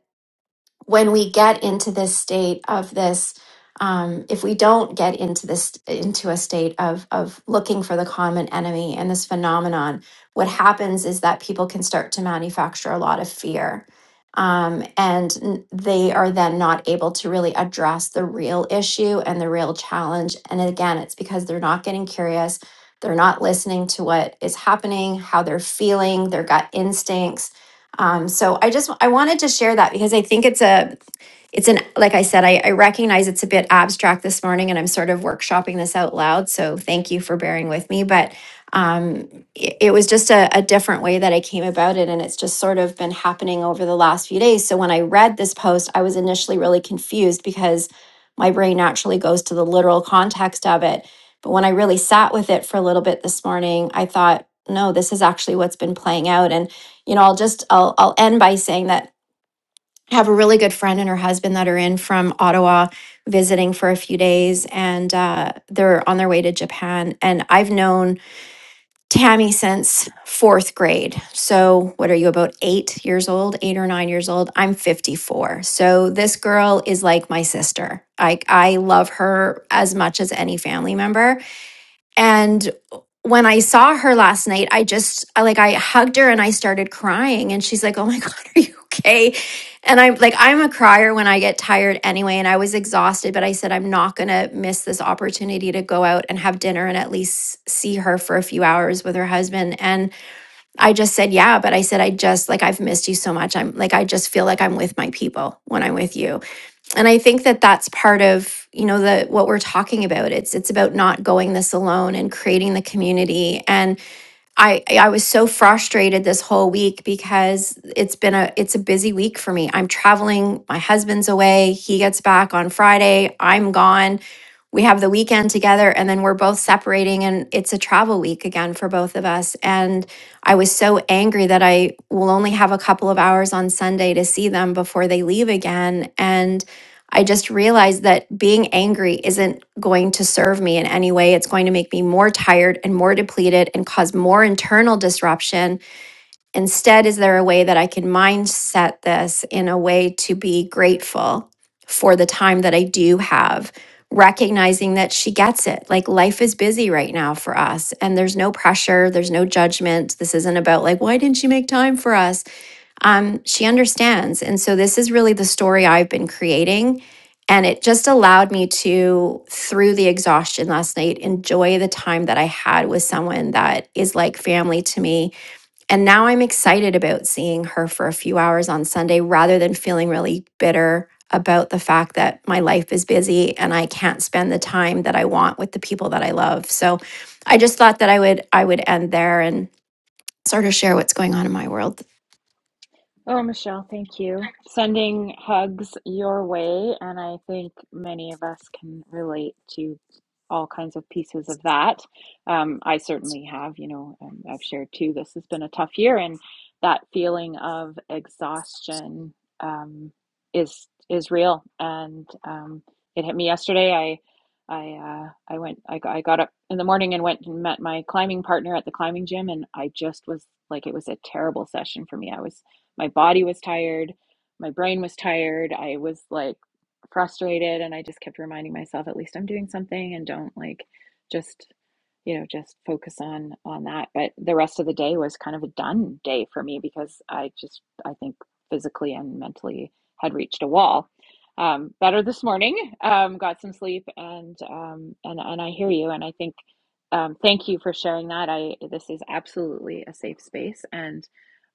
when we get into this state of this um, if we don't get into this into a state of of looking for the common enemy and this phenomenon what happens is that people can start to manufacture a lot of fear um, and n- they are then not able to really address the real issue and the real challenge and again it's because they're not getting curious they're not listening to what is happening how they're feeling their gut instincts um, so I just I wanted to share that because I think it's a it's an like i said I, I recognize it's a bit abstract this morning and i'm sort of workshopping this out loud so thank you for bearing with me but um, it, it was just a, a different way that i came about it and it's just sort of been happening over the last few days so when i read this post i was initially really confused because my brain naturally goes to the literal context of it but when i really sat with it for a little bit this morning i thought no this is actually what's been playing out and you know i'll just i'll, I'll end by saying that I have a really good friend and her husband that are in from Ottawa visiting for a few days and uh, they're on their way to Japan. And I've known Tammy since fourth grade. So, what are you, about eight years old, eight or nine years old? I'm 54. So, this girl is like my sister. I, I love her as much as any family member. And when I saw her last night, I just I like I hugged her and I started crying and she's like, "Oh my [laughs] god, are you okay?" And I'm like I'm a crier when I get tired anyway and I was exhausted, but I said I'm not going to miss this opportunity to go out and have dinner and at least see her for a few hours with her husband. And I just said, "Yeah," but I said I just like I've missed you so much. I'm like I just feel like I'm with my people when I'm with you and i think that that's part of you know the what we're talking about it's it's about not going this alone and creating the community and i i was so frustrated this whole week because it's been a it's a busy week for me i'm traveling my husband's away he gets back on friday i'm gone we have the weekend together and then we're both separating and it's a travel week again for both of us and i was so angry that i will only have a couple of hours on sunday to see them before they leave again and i just realized that being angry isn't going to serve me in any way it's going to make me more tired and more depleted and cause more internal disruption Instead, is there a way that I can mindset this in a way to be grateful for the time that I do have, recognizing that she gets it? Like life is busy right now for us, and there's no pressure, there's no judgment. This isn't about like, why didn't she make time for us? Um, she understands. And so, this is really the story I've been creating. And it just allowed me to, through the exhaustion last night, enjoy the time that I had with someone that is like family to me and now I'm excited about seeing her for a few hours on Sunday rather than feeling really bitter about the fact that my life is busy and I can't spend the time that I want with the people that I love. So I just thought that I would I would end there and sort of share what's going on in my world
Oh, Michelle, thank you. Sending hugs your way, and I think many of us can relate to all kinds of pieces of that. Um, I certainly have, you know, um, I've shared too, this has been a tough year, and that feeling of exhaustion um, is is real. And um, it hit me yesterday. I I uh, I went I got, I got up in the morning and went and met my climbing partner at the climbing gym and I just was like it was a terrible session for me. I was my body was tired. My brain was tired. I was like frustrated. And I just kept reminding myself, at least I'm doing something and don't like just you know just focus on on that but the rest of the day was kind of a done day for me because i just i think physically and mentally had reached a wall um, better this morning um, got some sleep and um, and and i hear you and i think um, thank you for sharing that i this is absolutely a safe space and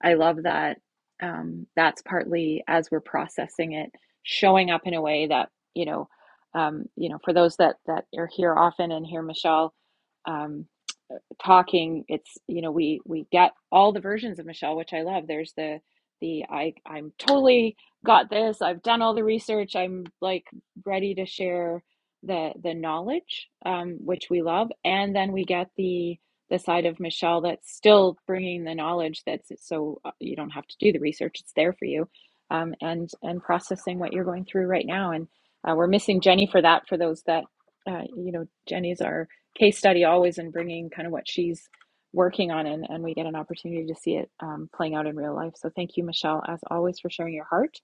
i love that um, that's partly as we're processing it showing up in a way that you know um, you know for those that that are here often and hear michelle um, talking it's you know we we get all the versions of michelle which i love there's the the i i'm totally got this i've done all the research i'm like ready to share the the knowledge um, which we love and then we get the the side of michelle that's still bringing the knowledge that's so uh, you don't have to do the research it's there for you um, and and processing what you're going through right now and uh, we're missing jenny for that for those that uh, you know jenny's our case study always in bringing kind of what she's working on and, and we get an opportunity to see it um, playing out in real life so thank you michelle as always for sharing your heart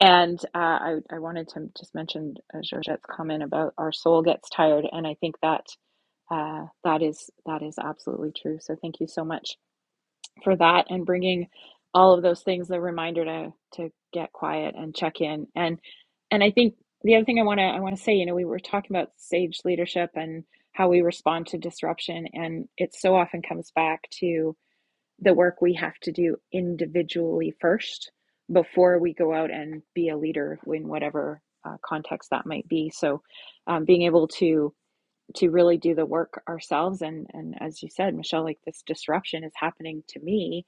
and uh, I, I wanted to just mention uh, georgette's comment about our soul gets tired and i think that uh, that is that is absolutely true so thank you so much for that and bringing all of those things the reminder to to get quiet and check in and and i think the other thing i want to i want to say you know we were talking about sage leadership and how we respond to disruption and it so often comes back to the work we have to do individually first before we go out and be a leader in whatever uh, context that might be so um, being able to to really do the work ourselves and and as you said michelle like this disruption is happening to me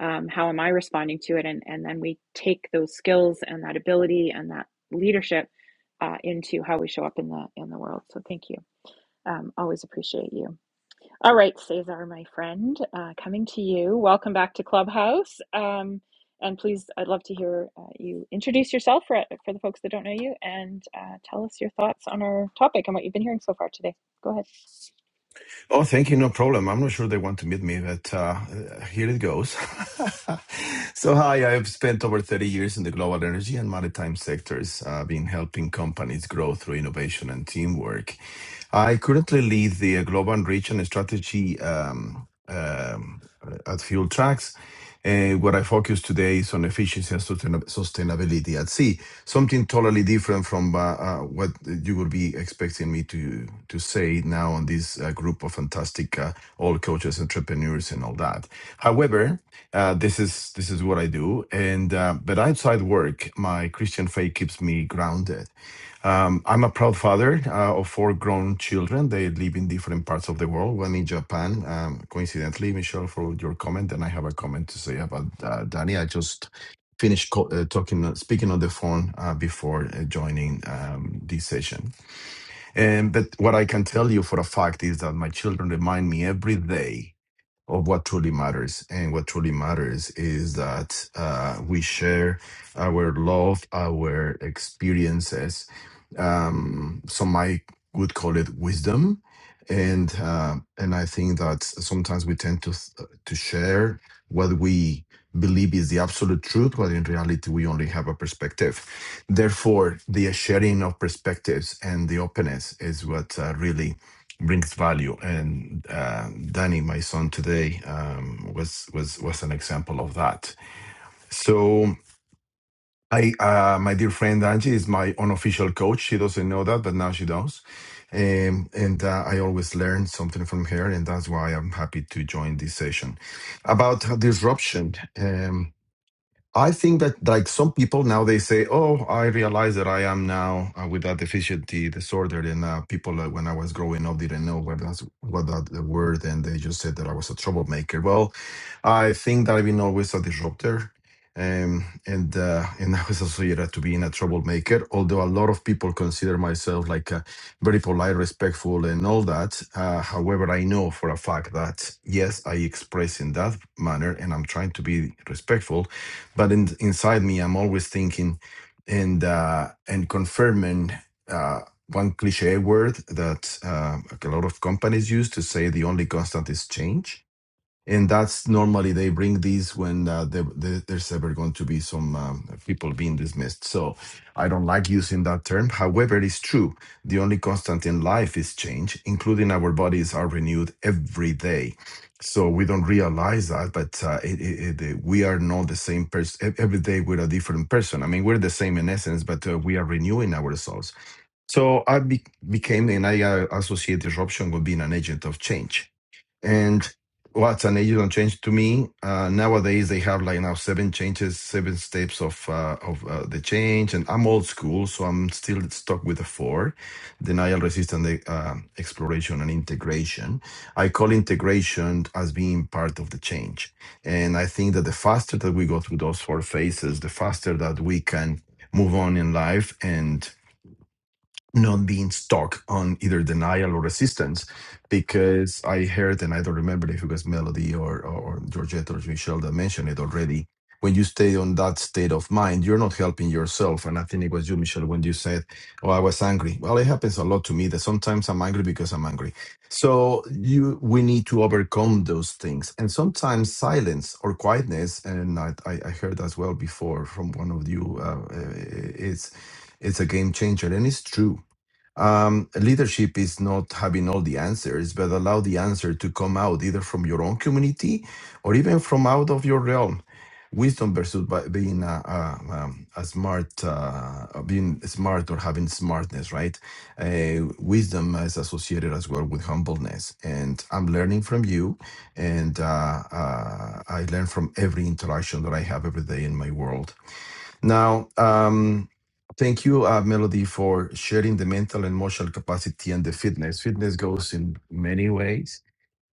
um, how am i responding to it and and then we take those skills and that ability and that leadership uh, into how we show up in the in the world so thank you um, always appreciate you all right cesar my friend uh, coming to you welcome back to clubhouse um, and please i'd love to hear uh, you introduce yourself for, for the folks that don't know you and uh, tell us your thoughts on our topic and what you've been hearing so far today go ahead
Oh, thank you. No problem. I'm not sure they want to meet me, but uh, here it goes. [laughs] so, hi, I've spent over 30 years in the global energy and maritime sectors, uh, been helping companies grow through innovation and teamwork. I currently lead the global reach and strategy um, um, at Fuel Tracks. And what I focus today is on efficiency and sustain- sustainability at sea. Something totally different from uh, uh, what you would be expecting me to to say now on this uh, group of fantastic uh, all coaches, entrepreneurs, and all that. However, uh, this is this is what I do, and uh, but outside work, my Christian faith keeps me grounded. Um, I'm a proud father uh, of four grown children. They live in different parts of the world, one in Japan. Um, coincidentally, Michelle, for your comment, and I have a comment to say about uh, Danny. I just finished co- uh, talking, uh, speaking on the phone uh, before uh, joining um, this session. And, but what I can tell you for a fact is that my children remind me every day of what truly matters. And what truly matters is that uh, we share our love, our experiences. Um, some I would call it wisdom. And uh, and I think that sometimes we tend to th- to share what we believe is the absolute truth, but in reality we only have a perspective. Therefore, the sharing of perspectives and the openness is what uh, really brings value. And uh, Danny, my son today, um, was was was an example of that. So I, uh, my dear friend Angie, is my unofficial coach. She doesn't know that, but now she does. Um, and uh, I always learn something from her, and that's why I'm happy to join this session about disruption. Um, I think that like some people now they say, "Oh, I realize that I am now uh, with that deficiency disorder," and uh, people uh, when I was growing up didn't know what that's what that the word, and they just said that I was a troublemaker. Well, I think that I've been always a disruptor, um, and uh, and [laughs] I was associated to being a troublemaker. Although a lot of people consider myself like uh, very polite, respectful, and all that. Uh, however, I know for a fact that yes, I express in that manner, and I'm trying to be respectful but in, inside me i'm always thinking and uh and confirming uh one cliche word that uh, like a lot of companies use to say the only constant is change and that's normally they bring these when uh, there, there- there's ever going to be some um, people being dismissed. So I don't like using that term. However, it is true. The only constant in life is change, including our bodies are renewed every day. So we don't realize that, but uh, it, it, it, we are not the same person. Every day we're a different person. I mean, we're the same in essence, but uh, we are renewing ourselves. So I be- became, and I uh, associate disruption with being an agent of change and what's an agent change to me uh, nowadays they have like now seven changes seven steps of uh, of uh, the change and i'm old school so i'm still stuck with the four denial resistance uh, exploration and integration i call integration as being part of the change and i think that the faster that we go through those four phases the faster that we can move on in life and not being stuck on either denial or resistance because I heard, and I don't remember if it was Melody or, or, or Georgette or Michelle that mentioned it already. When you stay on that state of mind, you're not helping yourself. And I think it was you, Michelle, when you said, Oh, I was angry. Well, it happens a lot to me that sometimes I'm angry because I'm angry. So you we need to overcome those things. And sometimes silence or quietness, and I, I I heard as well before from one of you, uh, uh, it's it's a game changer. And it's true um, leadership is not having all the answers, but allow the answer to come out either from your own community or even from out of your realm. Wisdom versus by being a, a, um, a smart, uh, uh, being smart or having smartness, right? Uh, wisdom is associated as well with humbleness. And I'm learning from you, and uh, uh, I learn from every interaction that I have every day in my world. Now, um, thank you, uh, Melody, for sharing the mental and emotional capacity and the fitness. Fitness goes in many ways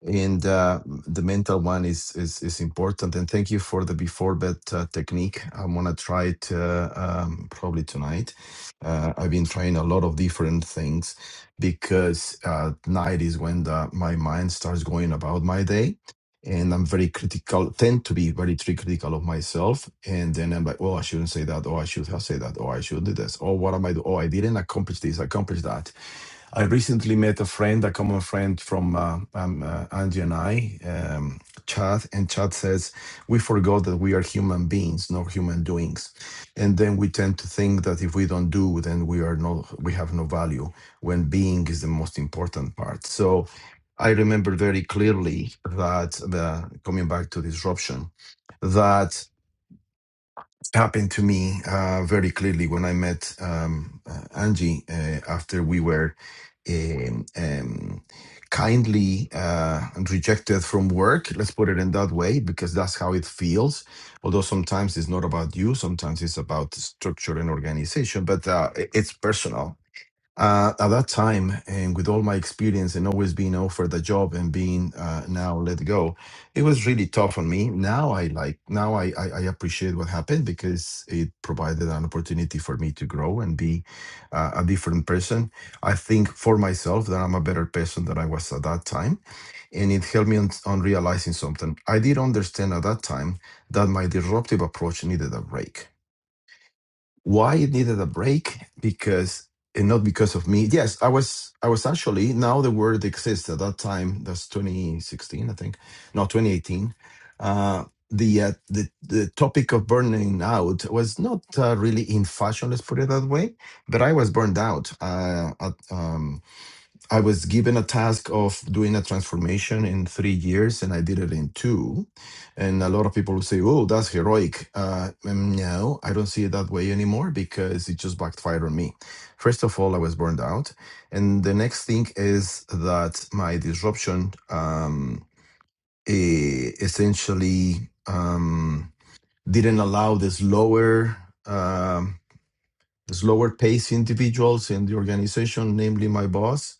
and uh, the mental one is, is is important and thank you for the before bed uh, technique i'm gonna try it uh, um, probably tonight uh, i've been trying a lot of different things because uh, night is when the, my mind starts going about my day and i'm very critical tend to be very tri- critical of myself and then i'm like oh i shouldn't say that Oh, i should have said that Oh, i should do this Oh, what am i do oh i didn't accomplish this accomplish that I recently met a friend, a common friend from uh, um, uh, Angie and I, um, Chad, and Chad says, We forgot that we are human beings, not human doings. And then we tend to think that if we don't do, then we are not, we have no value when being is the most important part. So I remember very clearly that the, coming back to disruption, that happened to me uh, very clearly when I met um, uh, Angie uh, after we were um, um, kindly uh, rejected from work. Let's put it in that way, because that's how it feels. Although sometimes it's not about you, sometimes it's about structure and organization, but uh, it- it's personal uh, at that time, and with all my experience and always being offered a job and being uh, now let go, it was really tough on me. Now I like, now I, I, I appreciate what happened because it provided an opportunity for me to grow and be uh, a different person. I think for myself that I'm a better person than I was at that time. And it helped me on, on realizing something. I did understand at that time that my disruptive approach needed a break why it needed a break because and not because of me yes i was i was actually now the word exists at that time that's 2016 i think no 2018 uh the uh, the the topic of burning out was not uh, really in fashion let's put it that way but i was burned out uh at, um, I was given a task of doing a transformation in three years, and I did it in two. And a lot of people will say, "Oh, that's heroic." Uh, um, no, I don't see it that way anymore because it just backfired on me. First of all, I was burned out, and the next thing is that my disruption um, e- essentially um, didn't allow the slower, um, the slower pace individuals in the organization, namely my boss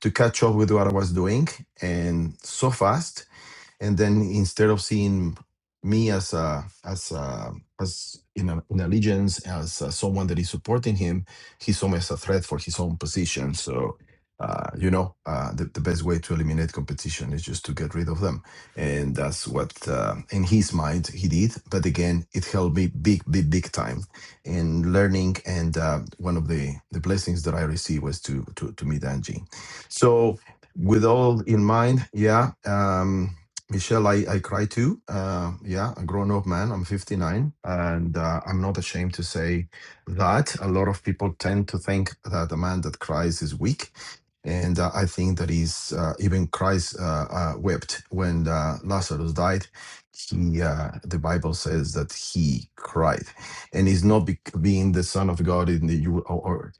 to catch up with what I was doing and so fast and then instead of seeing me as a as a as in, a, in allegiance as uh, someone that is supporting him he saw me as a threat for his own position so uh, you know uh, the, the best way to eliminate competition is just to get rid of them and that's what uh, in his mind he did but again it helped me big big big time in learning and uh, one of the the blessings that i received was to to, to meet angie so with all in mind yeah um Michelle, I, I cry too. Uh, yeah, a grown up man. I'm 59, and uh, I'm not ashamed to say that. A lot of people tend to think that a man that cries is weak. And uh, I think that is uh, even Christ uh, uh, wept when uh, Lazarus died. He, uh, the Bible says that he cried, and it's not be- being the son of God in the you or, or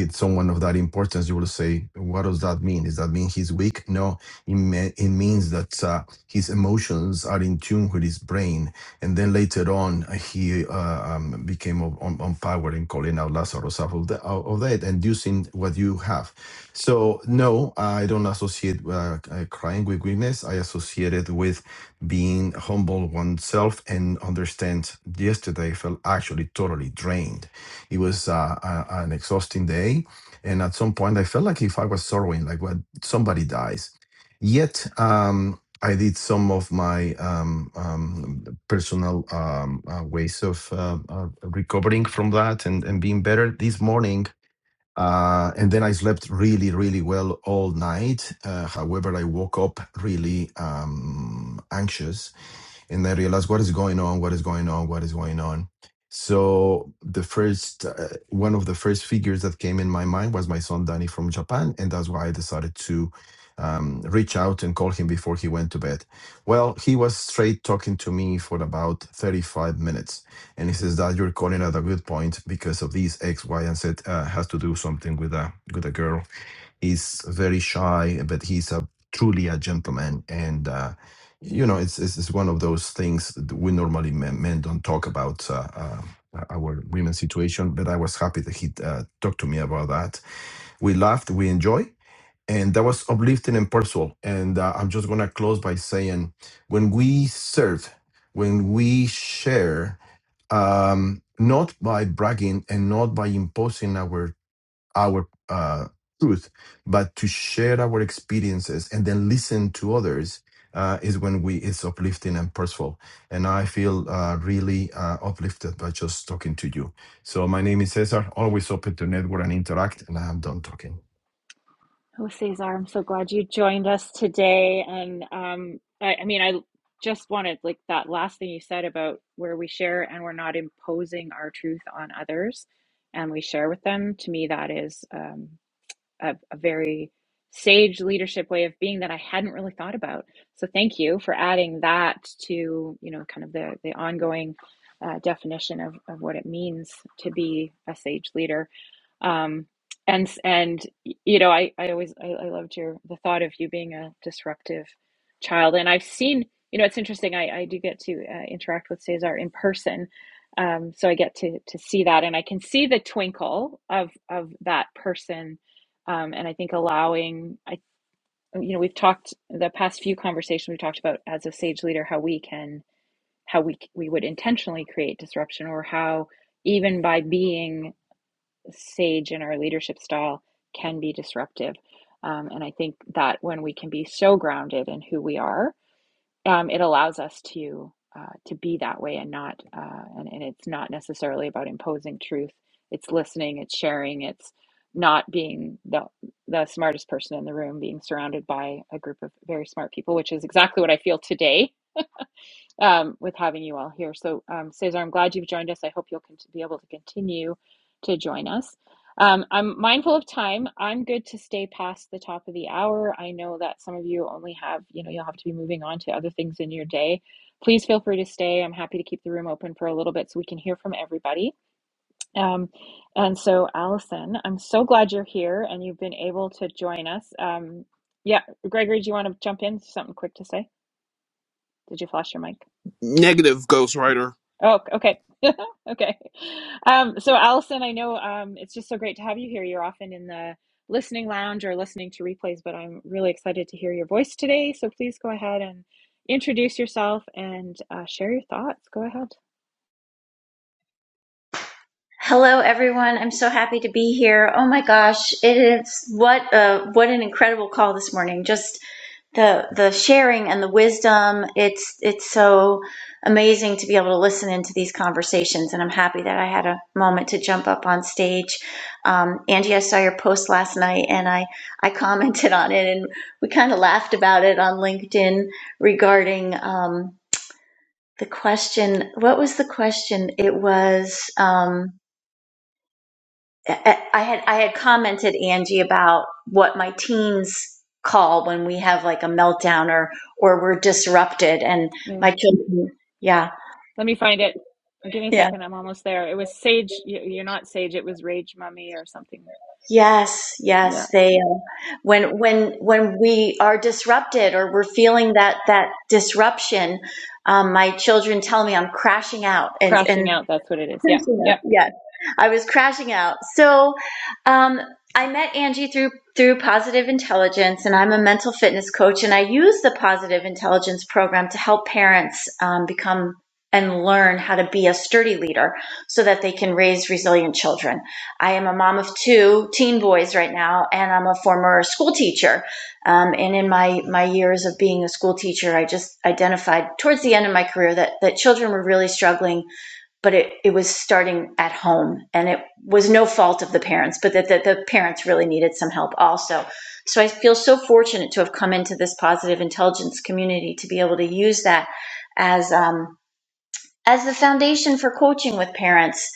it's someone of that importance. You will say, what does that mean? Does that mean he's weak? No, it, me- it means that. uh, his emotions are in tune with his brain. And then later on, he uh, um, became on, on on power in calling out Lazarus out of, the, out of that, inducing what you have. So, no, I don't associate uh, uh, crying with weakness. I associate it with being humble oneself and understand yesterday I felt actually totally drained. It was uh, a, an exhausting day. And at some point, I felt like if I was sorrowing, like when somebody dies. Yet, um, I did some of my um, um, personal um, uh, ways of uh, uh, recovering from that and, and being better this morning. Uh, and then I slept really, really well all night. Uh, however, I woke up really um, anxious and I realized what is going on, what is going on, what is going on. So the first, uh, one of the first figures that came in my mind was my son Danny from Japan, and that's why I decided to um, reach out and call him before he went to bed. Well, he was straight talking to me for about 35 minutes, and he says that you're calling at a good point because of these X, Y, and Z uh, has to do something with a with a girl He's very shy, but he's a truly a gentleman. And uh, you know, it's, it's it's one of those things that we normally men, men don't talk about uh, uh, our women's situation. But I was happy that he uh, talked to me about that. We laughed, we enjoy, and that was uplifting and personal. And uh, I'm just gonna close by saying, when we serve, when we share um, not by bragging and not by imposing our our uh, truth, but to share our experiences and then listen to others uh, is when we is uplifting and purposeful. And I feel uh, really uh, uplifted by just talking to you. So my name is Cesar. Always open to network and interact. And I am done talking.
Oh, Cesar, I'm so glad you joined us today. And um, I, I mean, I just wanted like that last thing you said about where we share and we're not imposing our truth on others and we share with them. To me, that is. um, a, a very sage leadership way of being that I hadn't really thought about. So thank you for adding that to you know kind of the the ongoing uh, definition of of what it means to be a sage leader. Um, and and you know I I always I, I loved your the thought of you being a disruptive child, and I've seen you know it's interesting I I do get to uh, interact with Cesar in person. Um, so I get to to see that, and I can see the twinkle of of that person um, and I think allowing, I, you know, we've talked the past few conversations we talked about as a sage leader how we can, how we we would intentionally create disruption, or how even by being sage in our leadership style can be disruptive. Um, and I think that when we can be so grounded in who we are um, it allows us to uh, to be that way and not uh, and, and it's not necessarily about imposing truth it's listening it's sharing it's not being the the smartest person in the room being surrounded by a group of very smart people which is exactly what i feel today um, with having you all here. So, um, Cesar, I'm glad you've joined us. I hope you'll be able to continue to join us. Um, I'm mindful of time. I'm good to stay past the top of the hour. I know that some of you only have, you know, you'll have to be moving on to other things in your day. Please feel free to stay. I'm happy to keep the room open for a little bit so we can hear from everybody. Um, and so, Allison, I'm so glad you're here and you've been able to join us. Um, yeah, Gregory, do you want to jump in? Something quick to say? Did you flash your mic?
Negative Ghost Rider.
Oh, okay. [laughs] Okay. Um, so Allison, I know um, it's just so great to have you here. You're often in the listening lounge or listening to replays, but I'm really excited to hear your voice today. So please go ahead and introduce yourself and uh, share your thoughts. Go ahead.
Hello, everyone. I'm so happy to be here. Oh my gosh, it is what a what an incredible call this morning. Just the the sharing and the wisdom. It's it's so amazing to be able to listen into these conversations, and I'm happy that I had a moment to jump up on stage. Um, Angie, I saw your post last night, and I I commented on it, and we kind of laughed about it on LinkedIn regarding um, the question. What was the question? It was. Um, I had I had commented Angie about what my teens call when we have like a meltdown or or we're disrupted and
Yeah.
my children yeah
Let me find it. Uh, Give me a
yeah
second. I'm almost there. It was Sage. y- You're not Sage. It was Rage Mummy or something.
yes yes
Yeah.
they uh, when when when we are disrupted or we're feeling that that disruption um, my children tell me I'm crashing out and and
Crashing out. That's what it is. Yeah.
Crashing
Yeah.
out. Yes, I was crashing out. So, um, I met Angie through through Positive Intelligence, and I'm a mental fitness coach, and I use the Positive Intelligence program to help parents um, become and learn how to be a sturdy leader so that they can raise resilient children. I am a mom of two teen boys right now, and I'm a former school teacher. Um, and in my my years of being a school teacher, I just identified towards the end of my career that that children were really struggling but it, it was starting at home and it was no fault of the parents but that the, the parents really needed some help also so i feel so fortunate to have come into this positive intelligence community to be able to use that as um, as the foundation for coaching with parents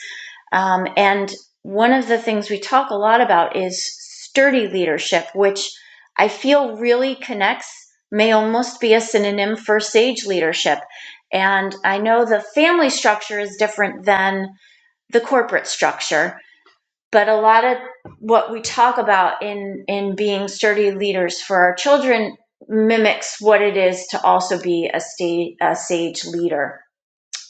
um, and one of the things we talk a lot about is sturdy leadership which i feel really connects may almost be a synonym for sage leadership and i know the family structure is different than the corporate structure. But a lot of what we talk about in, in being sturdy leaders for our children mimics what it is to also be a, sta- a sage leader.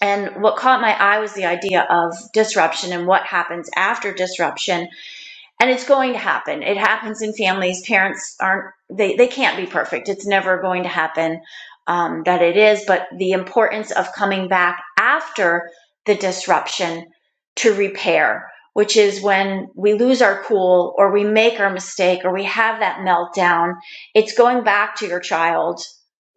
And what caught my eye was the idea of disruption and what happens after disruption and it's going to happen it happens in families parents aren't they, they can't be perfect it's never going to happen um, that it is but the importance of coming back after the disruption to repair which is when we lose our cool or we make our mistake or we have that meltdown it's going back to your child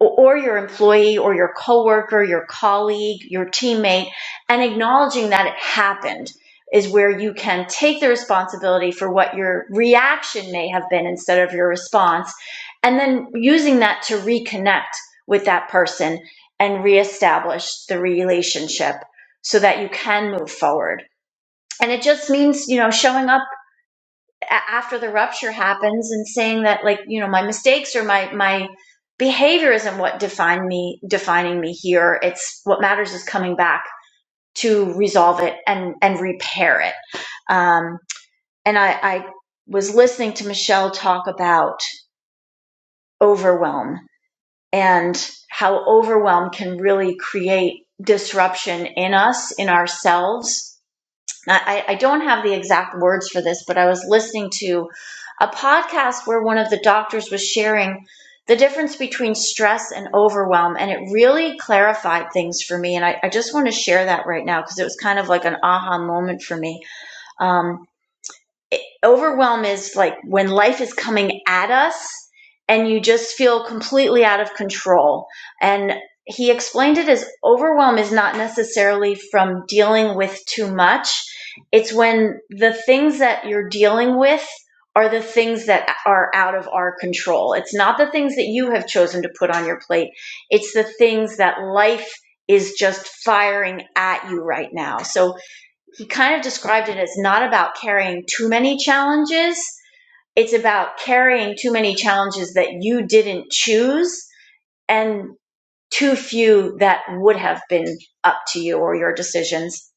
o- or your employee or your coworker your colleague your teammate and acknowledging that it happened is where you can take the responsibility for what your reaction may have been instead of your response, and then using that to reconnect with that person and reestablish the relationship so that you can move forward. And it just means, you know, showing up a- after the rupture happens and saying that, like, you know, my mistakes or my, my, behavior isn't what defined me defining me here it's what matters is coming back to resolve it and and repair it Um, and I, I was listening to Michelle talk about overwhelm and how overwhelm can really create disruption in us, in ourselves. I, I don't have the exact words for this, but I was listening to a podcast where one of the doctors was sharing the difference between stress and overwhelm, and it really clarified things for me. And I, I just want to share that right now because it was kind of like an aha moment for me. Um, overwhelm is like when life is coming at us and you just feel completely out of control. And he explained it as overwhelm is not necessarily from dealing with too much. It's when the things that you're dealing with are the things that are out of our control. It's not the things that you have chosen to put on your plate. It's the things that life is just firing at you right now. So he kind of described it as not about carrying too many challenges. It's about carrying too many challenges that you didn't choose and too few that would have been up to you or your decisions.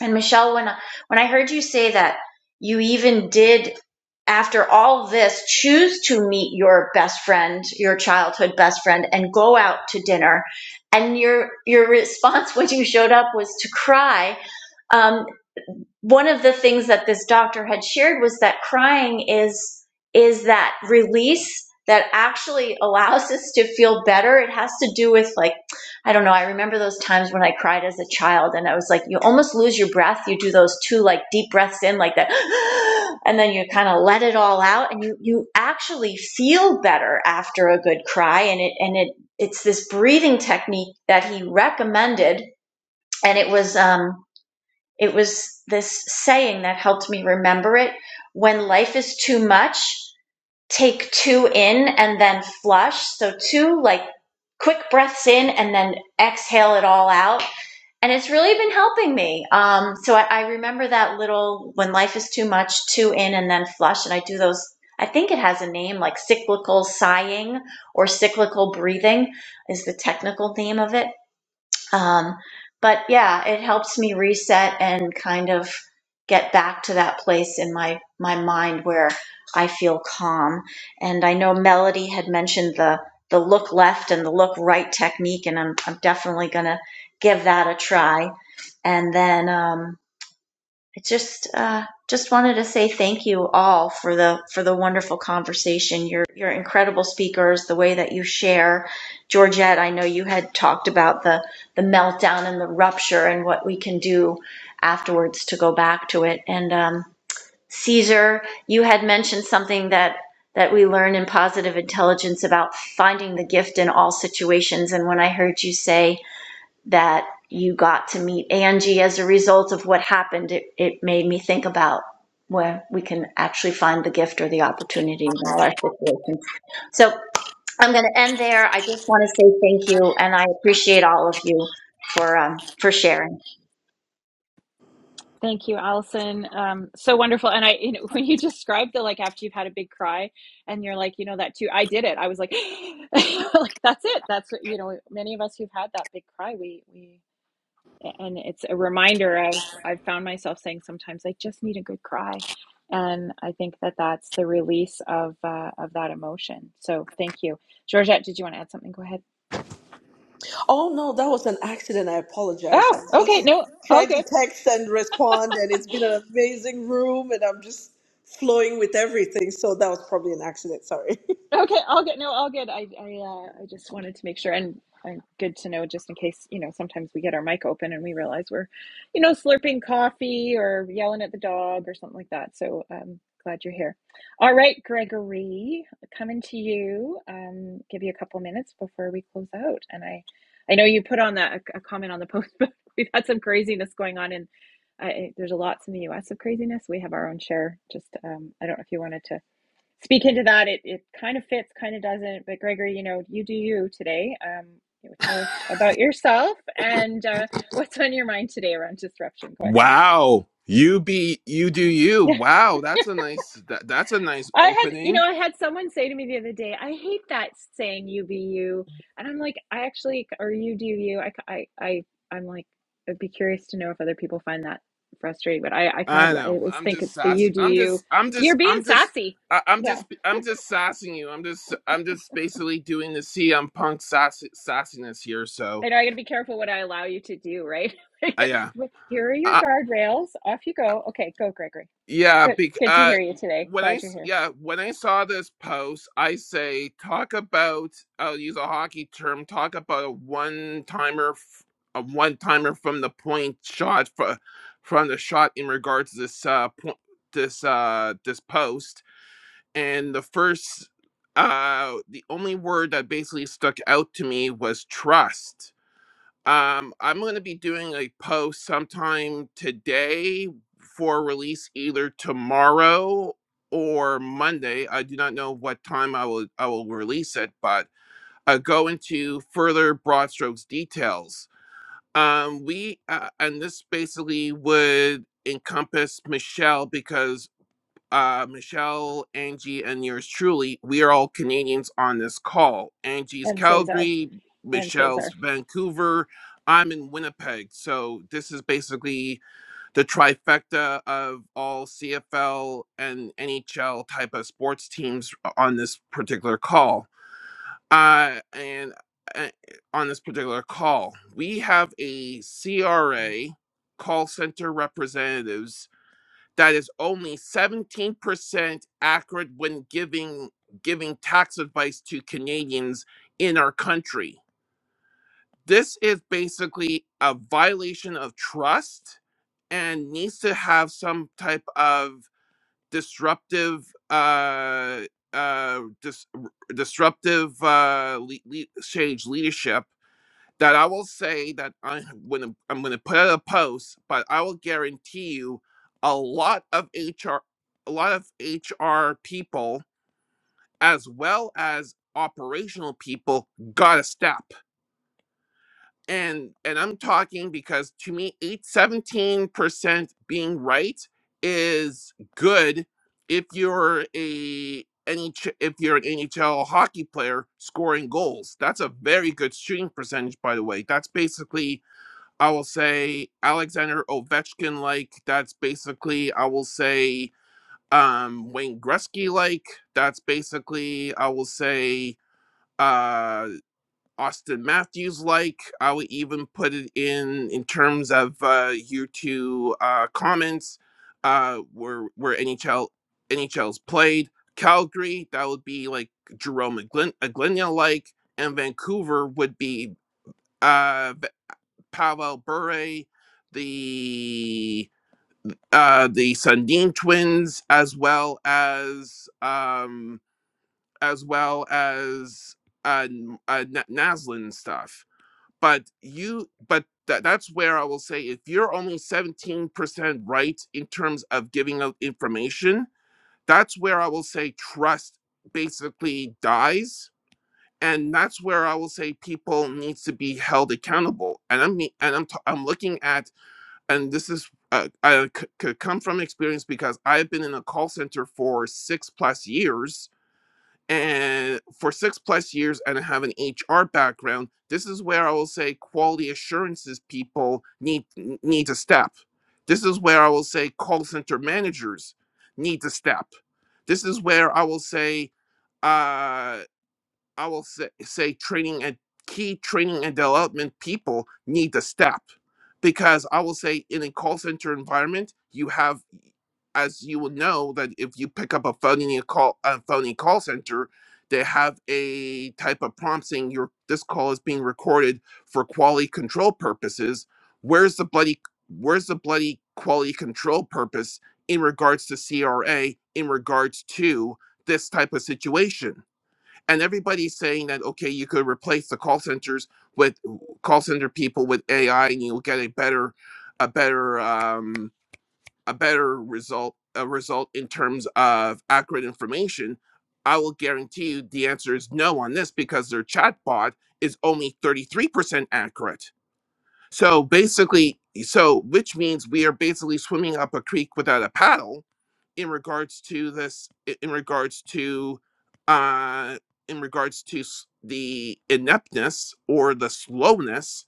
And Michelle, when when I heard you say that you even did after all this choose to meet your best friend, your childhood best friend and go out to dinner and your your response when you showed up was to cry um, one of the things that this doctor had shared was that crying is is that release that actually allows us to feel better it has to do with like i don't know i remember those times when i cried as a child and i was like you almost lose your breath you do those two like deep breaths in like that [gasps] and then you kind of let it all out and you you actually feel better after a good cry and it and it it's this breathing technique that he recommended and it was um it was this saying that helped me remember it. When life is too much, take two in and then flush. So, two like quick breaths in and then exhale it all out. And it's really been helping me. Um, so, I, I remember that little when life is too much, two in and then flush. And I do those, I think it has a name like cyclical sighing or cyclical breathing is the technical name of it um, but yeah, it helps me reset and kind of get back to that place in my my mind where I feel calm. And I know Melody had mentioned the the look left and the look right technique, and I'm I'm definitely gonna give that a try. And then um, I just uh, just wanted to say thank you all for the for the wonderful conversation. You're you're incredible speakers. The way that you share, Georgette. I know you had talked about the the meltdown and the rupture and what we can do afterwards to go back to it. And um, Caesar, you had mentioned something that that we learn in positive intelligence about finding the gift in all situations. And when I heard you say that you got to meet Angie as a result of what happened, it, it made me think about where we can actually find the gift or the opportunity in all our situations. So I'm going to end there. I just want to say thank you, and I appreciate all of you for um, for sharing.
Thank you, Allison. Um, so wonderful. And I, you know, [laughs] when you described the like after you've had a big cry and you're like, you know, that too, I did it. I was like, [gasps] [laughs] like that's it. That's what, you know, many of us who've had that big cry, we, we, and it's a reminder of, I've found myself saying sometimes I just need a good cry. And I think that that's the release of, uh, of that emotion. So thank you. Georgette, did you want to add something? Go ahead.
Oh no, that was an accident. I apologize.
Oh,
I'm
okay.
just
No, all
trying to
good.
text and respond, and it's been an amazing room, and I'm just flowing with everything. So that was probably an accident. Sorry.
Okay, all good. No, all good. I I uh, I just wanted to make sure, and and good to know just in case you know sometimes we get our mic open and we realize we're, you know, slurping coffee or yelling at the dog or something like that. So um, glad you're here. All right, Gregory, coming to you. Um, give you a couple minutes before we close out, and I I know you put on that a, a comment on the post, [laughs] but we've had some craziness going on, and I, there's a lots in the U.S. of craziness. We have our own share. Just um, I don't know if you wanted to speak into that. It it kind of fits, kind of doesn't. But Gregory, you know, you do you today. Um, you know, tell us about yourself and uh, [laughs] what's on your mind today around disruption. Go ahead. [laughs]
Wow. You be you do you.
Yeah,
Wow, that's a nice that, that's a nice
I had you know
opening.
I had someone say to me the other day, I hate that saying "you be you," and I'm like, I actually or "you do you." I I I I'm like, I'd be curious to know if other people find that frustrating, but I I kind
I
of I
know.
always
I'm
think
just
it's the
sassing.
"you do
I'm just
you."
I'm just
You're being
I'm just
sassy.
I- I'm
Yeah.
just I'm just sassing you. I'm just I'm just basically doing the CM Punk sass, sassiness here. So
I know I got to be careful what I allow you to do, right? [laughs]
uh,
Here are your
yeah,
guardrails. Off you go. Okay, go, Gregory.
Yeah,
Good,
bec
good to
uh,
hear you today.
when I
Glad you're
s-
here.
yeah when I saw this post, I say talk about I'll use a hockey term. Talk about a one timer, f- a one timer from the point shot for, from the shot in regards to this uh point this uh this post and the first uh the only word that basically stuck out to me was trust um, I'm going to be doing a post sometime today for release either tomorrow or Monday. I do not know what time I will I will release it, but I go into further broad strokes details. Um, we uh, and this basically would encompass Michelle because uh, Michelle, Angie, and yours truly, we are all Canadians on this call. Angie's
And Cesar.
Calgary,
And Cesar.
Michelle's Vancouver, I'm in Winnipeg. So this is basically the trifecta of all CFL and NHL type of sports teams on this particular call. Uh, and uh, on this particular call, we have a CRA call center representatives that is only 17% accurate when giving giving tax advice to Canadians in our country. This is basically a violation of trust and needs to have some type of disruptive uh uh dis- r- disruptive uh le- le- change leadership that I will say that I when I'm I'm going to put out a post, but I will guarantee you a lot of HR, a lot of HR people as well as operational people got a step. And and I'm talking because to me, eight seventeen percent being right is good if you're a NH, if you're an NHL hockey player scoring goals. That's a very good shooting percentage, by the way. That's basically I will say Alexander Ovechkin like. That's basically I will say um Wayne Gretzky like. That's basically I will say uh Austin Matthews like. I would even put it in in terms of uh you two uh comments uh where where NHL NHL's played. Calgary, that would be like Jerome Glyn, like, and Vancouver would be uh Pavel Bure, the uh, the Sundin twins, as well as um, as well as uh, uh, Naslin stuff. But you, but tha- that's where I will say if you're only seventeen percent right in terms of giving out information, that's where I will say trust basically dies and that's where I will say people needs to be held accountable. And I am and I'm t- I'm looking at and this is uh, I c- could come from experience because I've been in a call center for six plus years, and for six plus years, and I have an HR background. This is where I will say quality assurances people need n- need to step. This is where I will say call center managers need to step. This is where I will say uh, I will say, say training and key training and development people need to step because I will say in a call center environment, you have, as you will know, that if you pick up a phone in a call, a phony call center, they have a type of prompt saying your this call is being recorded for quality control purposes. Where's the bloody where's the bloody quality control purpose in regards to CRA in regards to this type of situation? and everybody's saying that okay you could replace the call centers with call center people with ai and you'll get a better a better um a better result a result in terms of accurate information i will guarantee you the answer is no on this because their chatbot is only 33% accurate so basically so which means we are basically swimming up a creek without a paddle in regards to this in regards to uh in regards to the ineptness or the slowness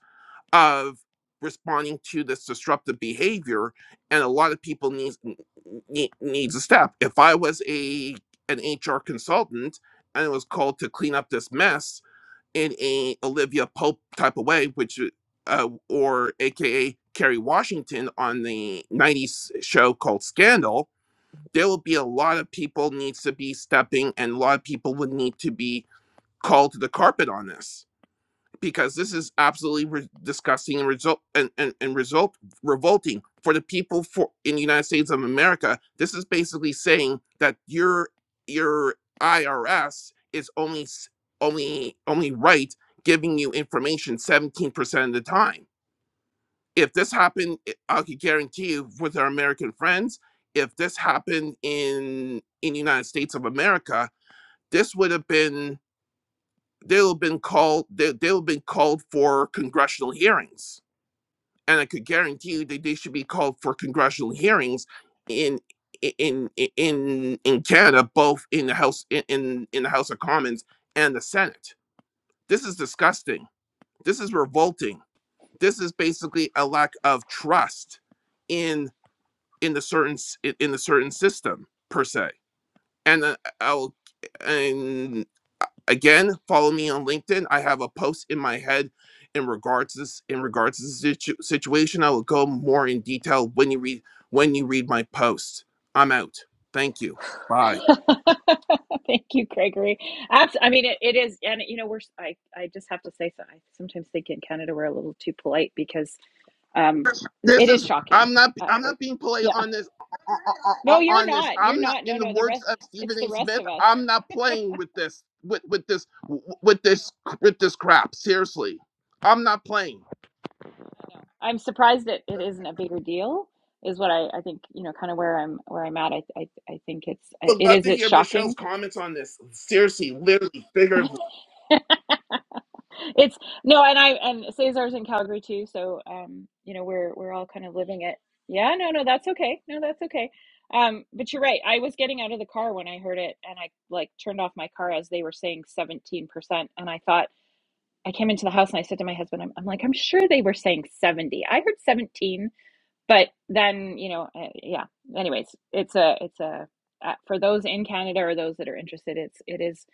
of responding to this disruptive behavior and a lot of people needs n- needs a step if i was a an hr consultant and it was called to clean up this mess in a olivia pope type of way which uh, or aka kerry washington on the 90s show called scandal there will be a lot of people needs to be stepping and a lot of people would need to be called to the carpet on this because this is absolutely re- disgusting and result and, and, and result revolting for the people for in the united states of america this is basically saying that your your irs is only only only right giving you information 17% of the time if this happened, eh, I could guarantee you with our American friends, if this happened in in the United States of America, this would have been they would have been called they, they would have been called for congressional hearings. And I could guarantee you that they should be called for congressional hearings in in in in Canada, both in the House in, in, in the House of Commons and the Senate. This is disgusting. This is revolting. This is basically a lack of trust in. in the certain in the certain system per se. And uh, I'll and uh, again follow me on LinkedIn. I have a post in my head in regards to this in regards to this situ- situation. I will go more in detail when you read when you read my post. I'm out. Thank you. Bye.
[laughs] Thank you, Gregory. Abs- I mean, it, it is, and you know, we're. I, I just have to say, so I sometimes think in Canada we're a little too polite because um,
This
it is
is
shocking.
I'm not
Uh,
I'm not being polite
yeah.
on this on,
No,
on,
you're
on this.
not. You're
I'm not
not.
in
No,
the
no. The
words
rest.
of
It's
Stephen
the
A.
rest
Smith.
of us.
I'm not playing with this with with this with
No.
this with this crap. Seriously, I'm not playing.
I know. I'm surprised that it isn't a bigger deal, is what I, I think, you know, kind of where I'm where I'm at. I, I I think it's
Would
it
love
is
to
it's
hear Michelle's
shocking.
comments on this. Seriously, literally, figuratively,
[laughs] It's no, and I and Cesar's in Calgary too, so um, you know, we're we're all kind of living it. Yeah, no, no, that's okay. No, that's okay. Um, but you're right. I was getting out of the car when I heard it, and I like turned off my car as they were saying 17%, and I thought I came into the house and I said to my husband, I'm, I'm like, I'm sure they were saying 70. I heard 17 but then you know uh, yeah anyways it's a it's a uh, for those in canada or those that are interested it's it is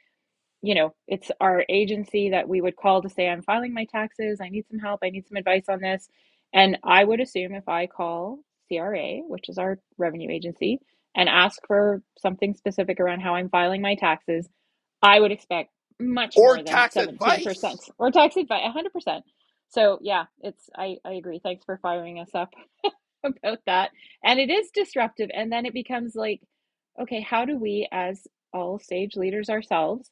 you know it's our agency that we would call to say i'm filing my taxes i need some help i need some advice on this and i would assume if i call cra which is our revenue agency and ask for something specific around how i'm filing my taxes I would expect much
or
more than
tax
17%
advice.
or taxed by 100%. So yeah, it's I I agree. Thanks for firing us up [laughs] about that. And it is disruptive and then it becomes like okay, how do we as all sage leaders ourselves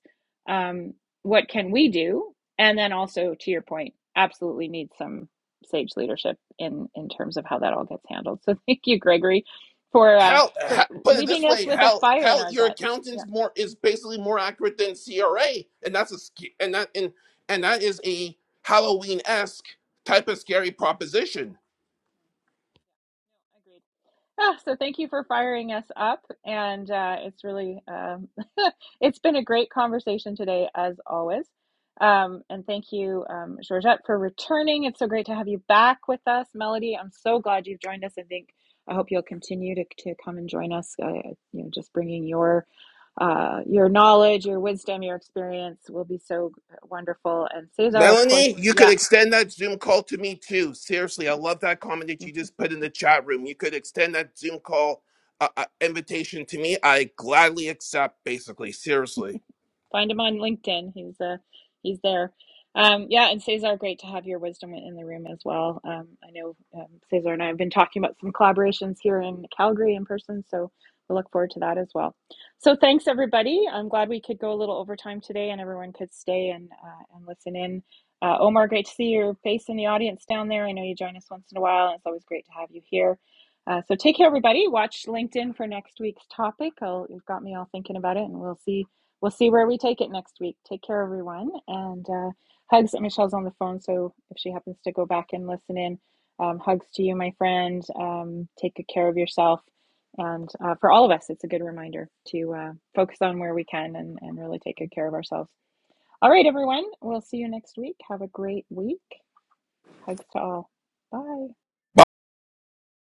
um what can we do? And then also to your point, absolutely need some sage leadership in in terms of how that all gets handled. So [laughs] thank you Gregory for uh
Hal,
for
ha put it this
leaving us
way,
with a
Hal,
fire in
Hal,
our
your
gut. Yeah,
accountant's more is basically more accurate than CRA, and that's a sc- and that and and that is a Halloween esque type of scary proposition.
I agree. Ah, so thank you for firing us up, and uh, it's really um, [laughs] it's been a great conversation today, as always. Um, and thank you, um, Georgette, for returning. It's so great to have you back with us, Melody. I'm so glad you've joined us. I think I hope you'll continue to to come and join us. Uh, you know, just bringing your uh, your knowledge, your wisdom, your experience will be so wonderful. And Cesar, of course,
Melanie, you could
yeah.
extend that Zoom call to me too. Seriously, I love that comment that you just put in the chat room. You could extend that Zoom call uh, uh, invitation to me. I gladly accept. Basically, seriously.
Find him on LinkedIn. He's uh he's there. Um, yeah, and Cesar, great to have your wisdom in the room as well. Um, I know um, Cesar and I have been talking about some collaborations here in Calgary in person, so we look forward to that as well. So thanks everybody. I'm glad we could go a little overtime today, and everyone could stay and uh, and listen in. Uh, Omar, great to see your face in the audience down there. I know you join us once in a while, and it's always great to have you here. Uh, so take care, everybody. Watch LinkedIn for next week's topic. I'll, you've got me all thinking about it, and we'll see we'll see where we take it next week. Take care, everyone. And uh, hugs Michelle's on the phone. So if she happens to go back and listen in, um, hugs to you, my friend. Um, take good care of yourself. And uh, for all of us, it's a good reminder to uh, focus on where we can and, and really take good care of ourselves. All right, everyone. We'll see you next week. Have a great week. Hugs to all. Bye.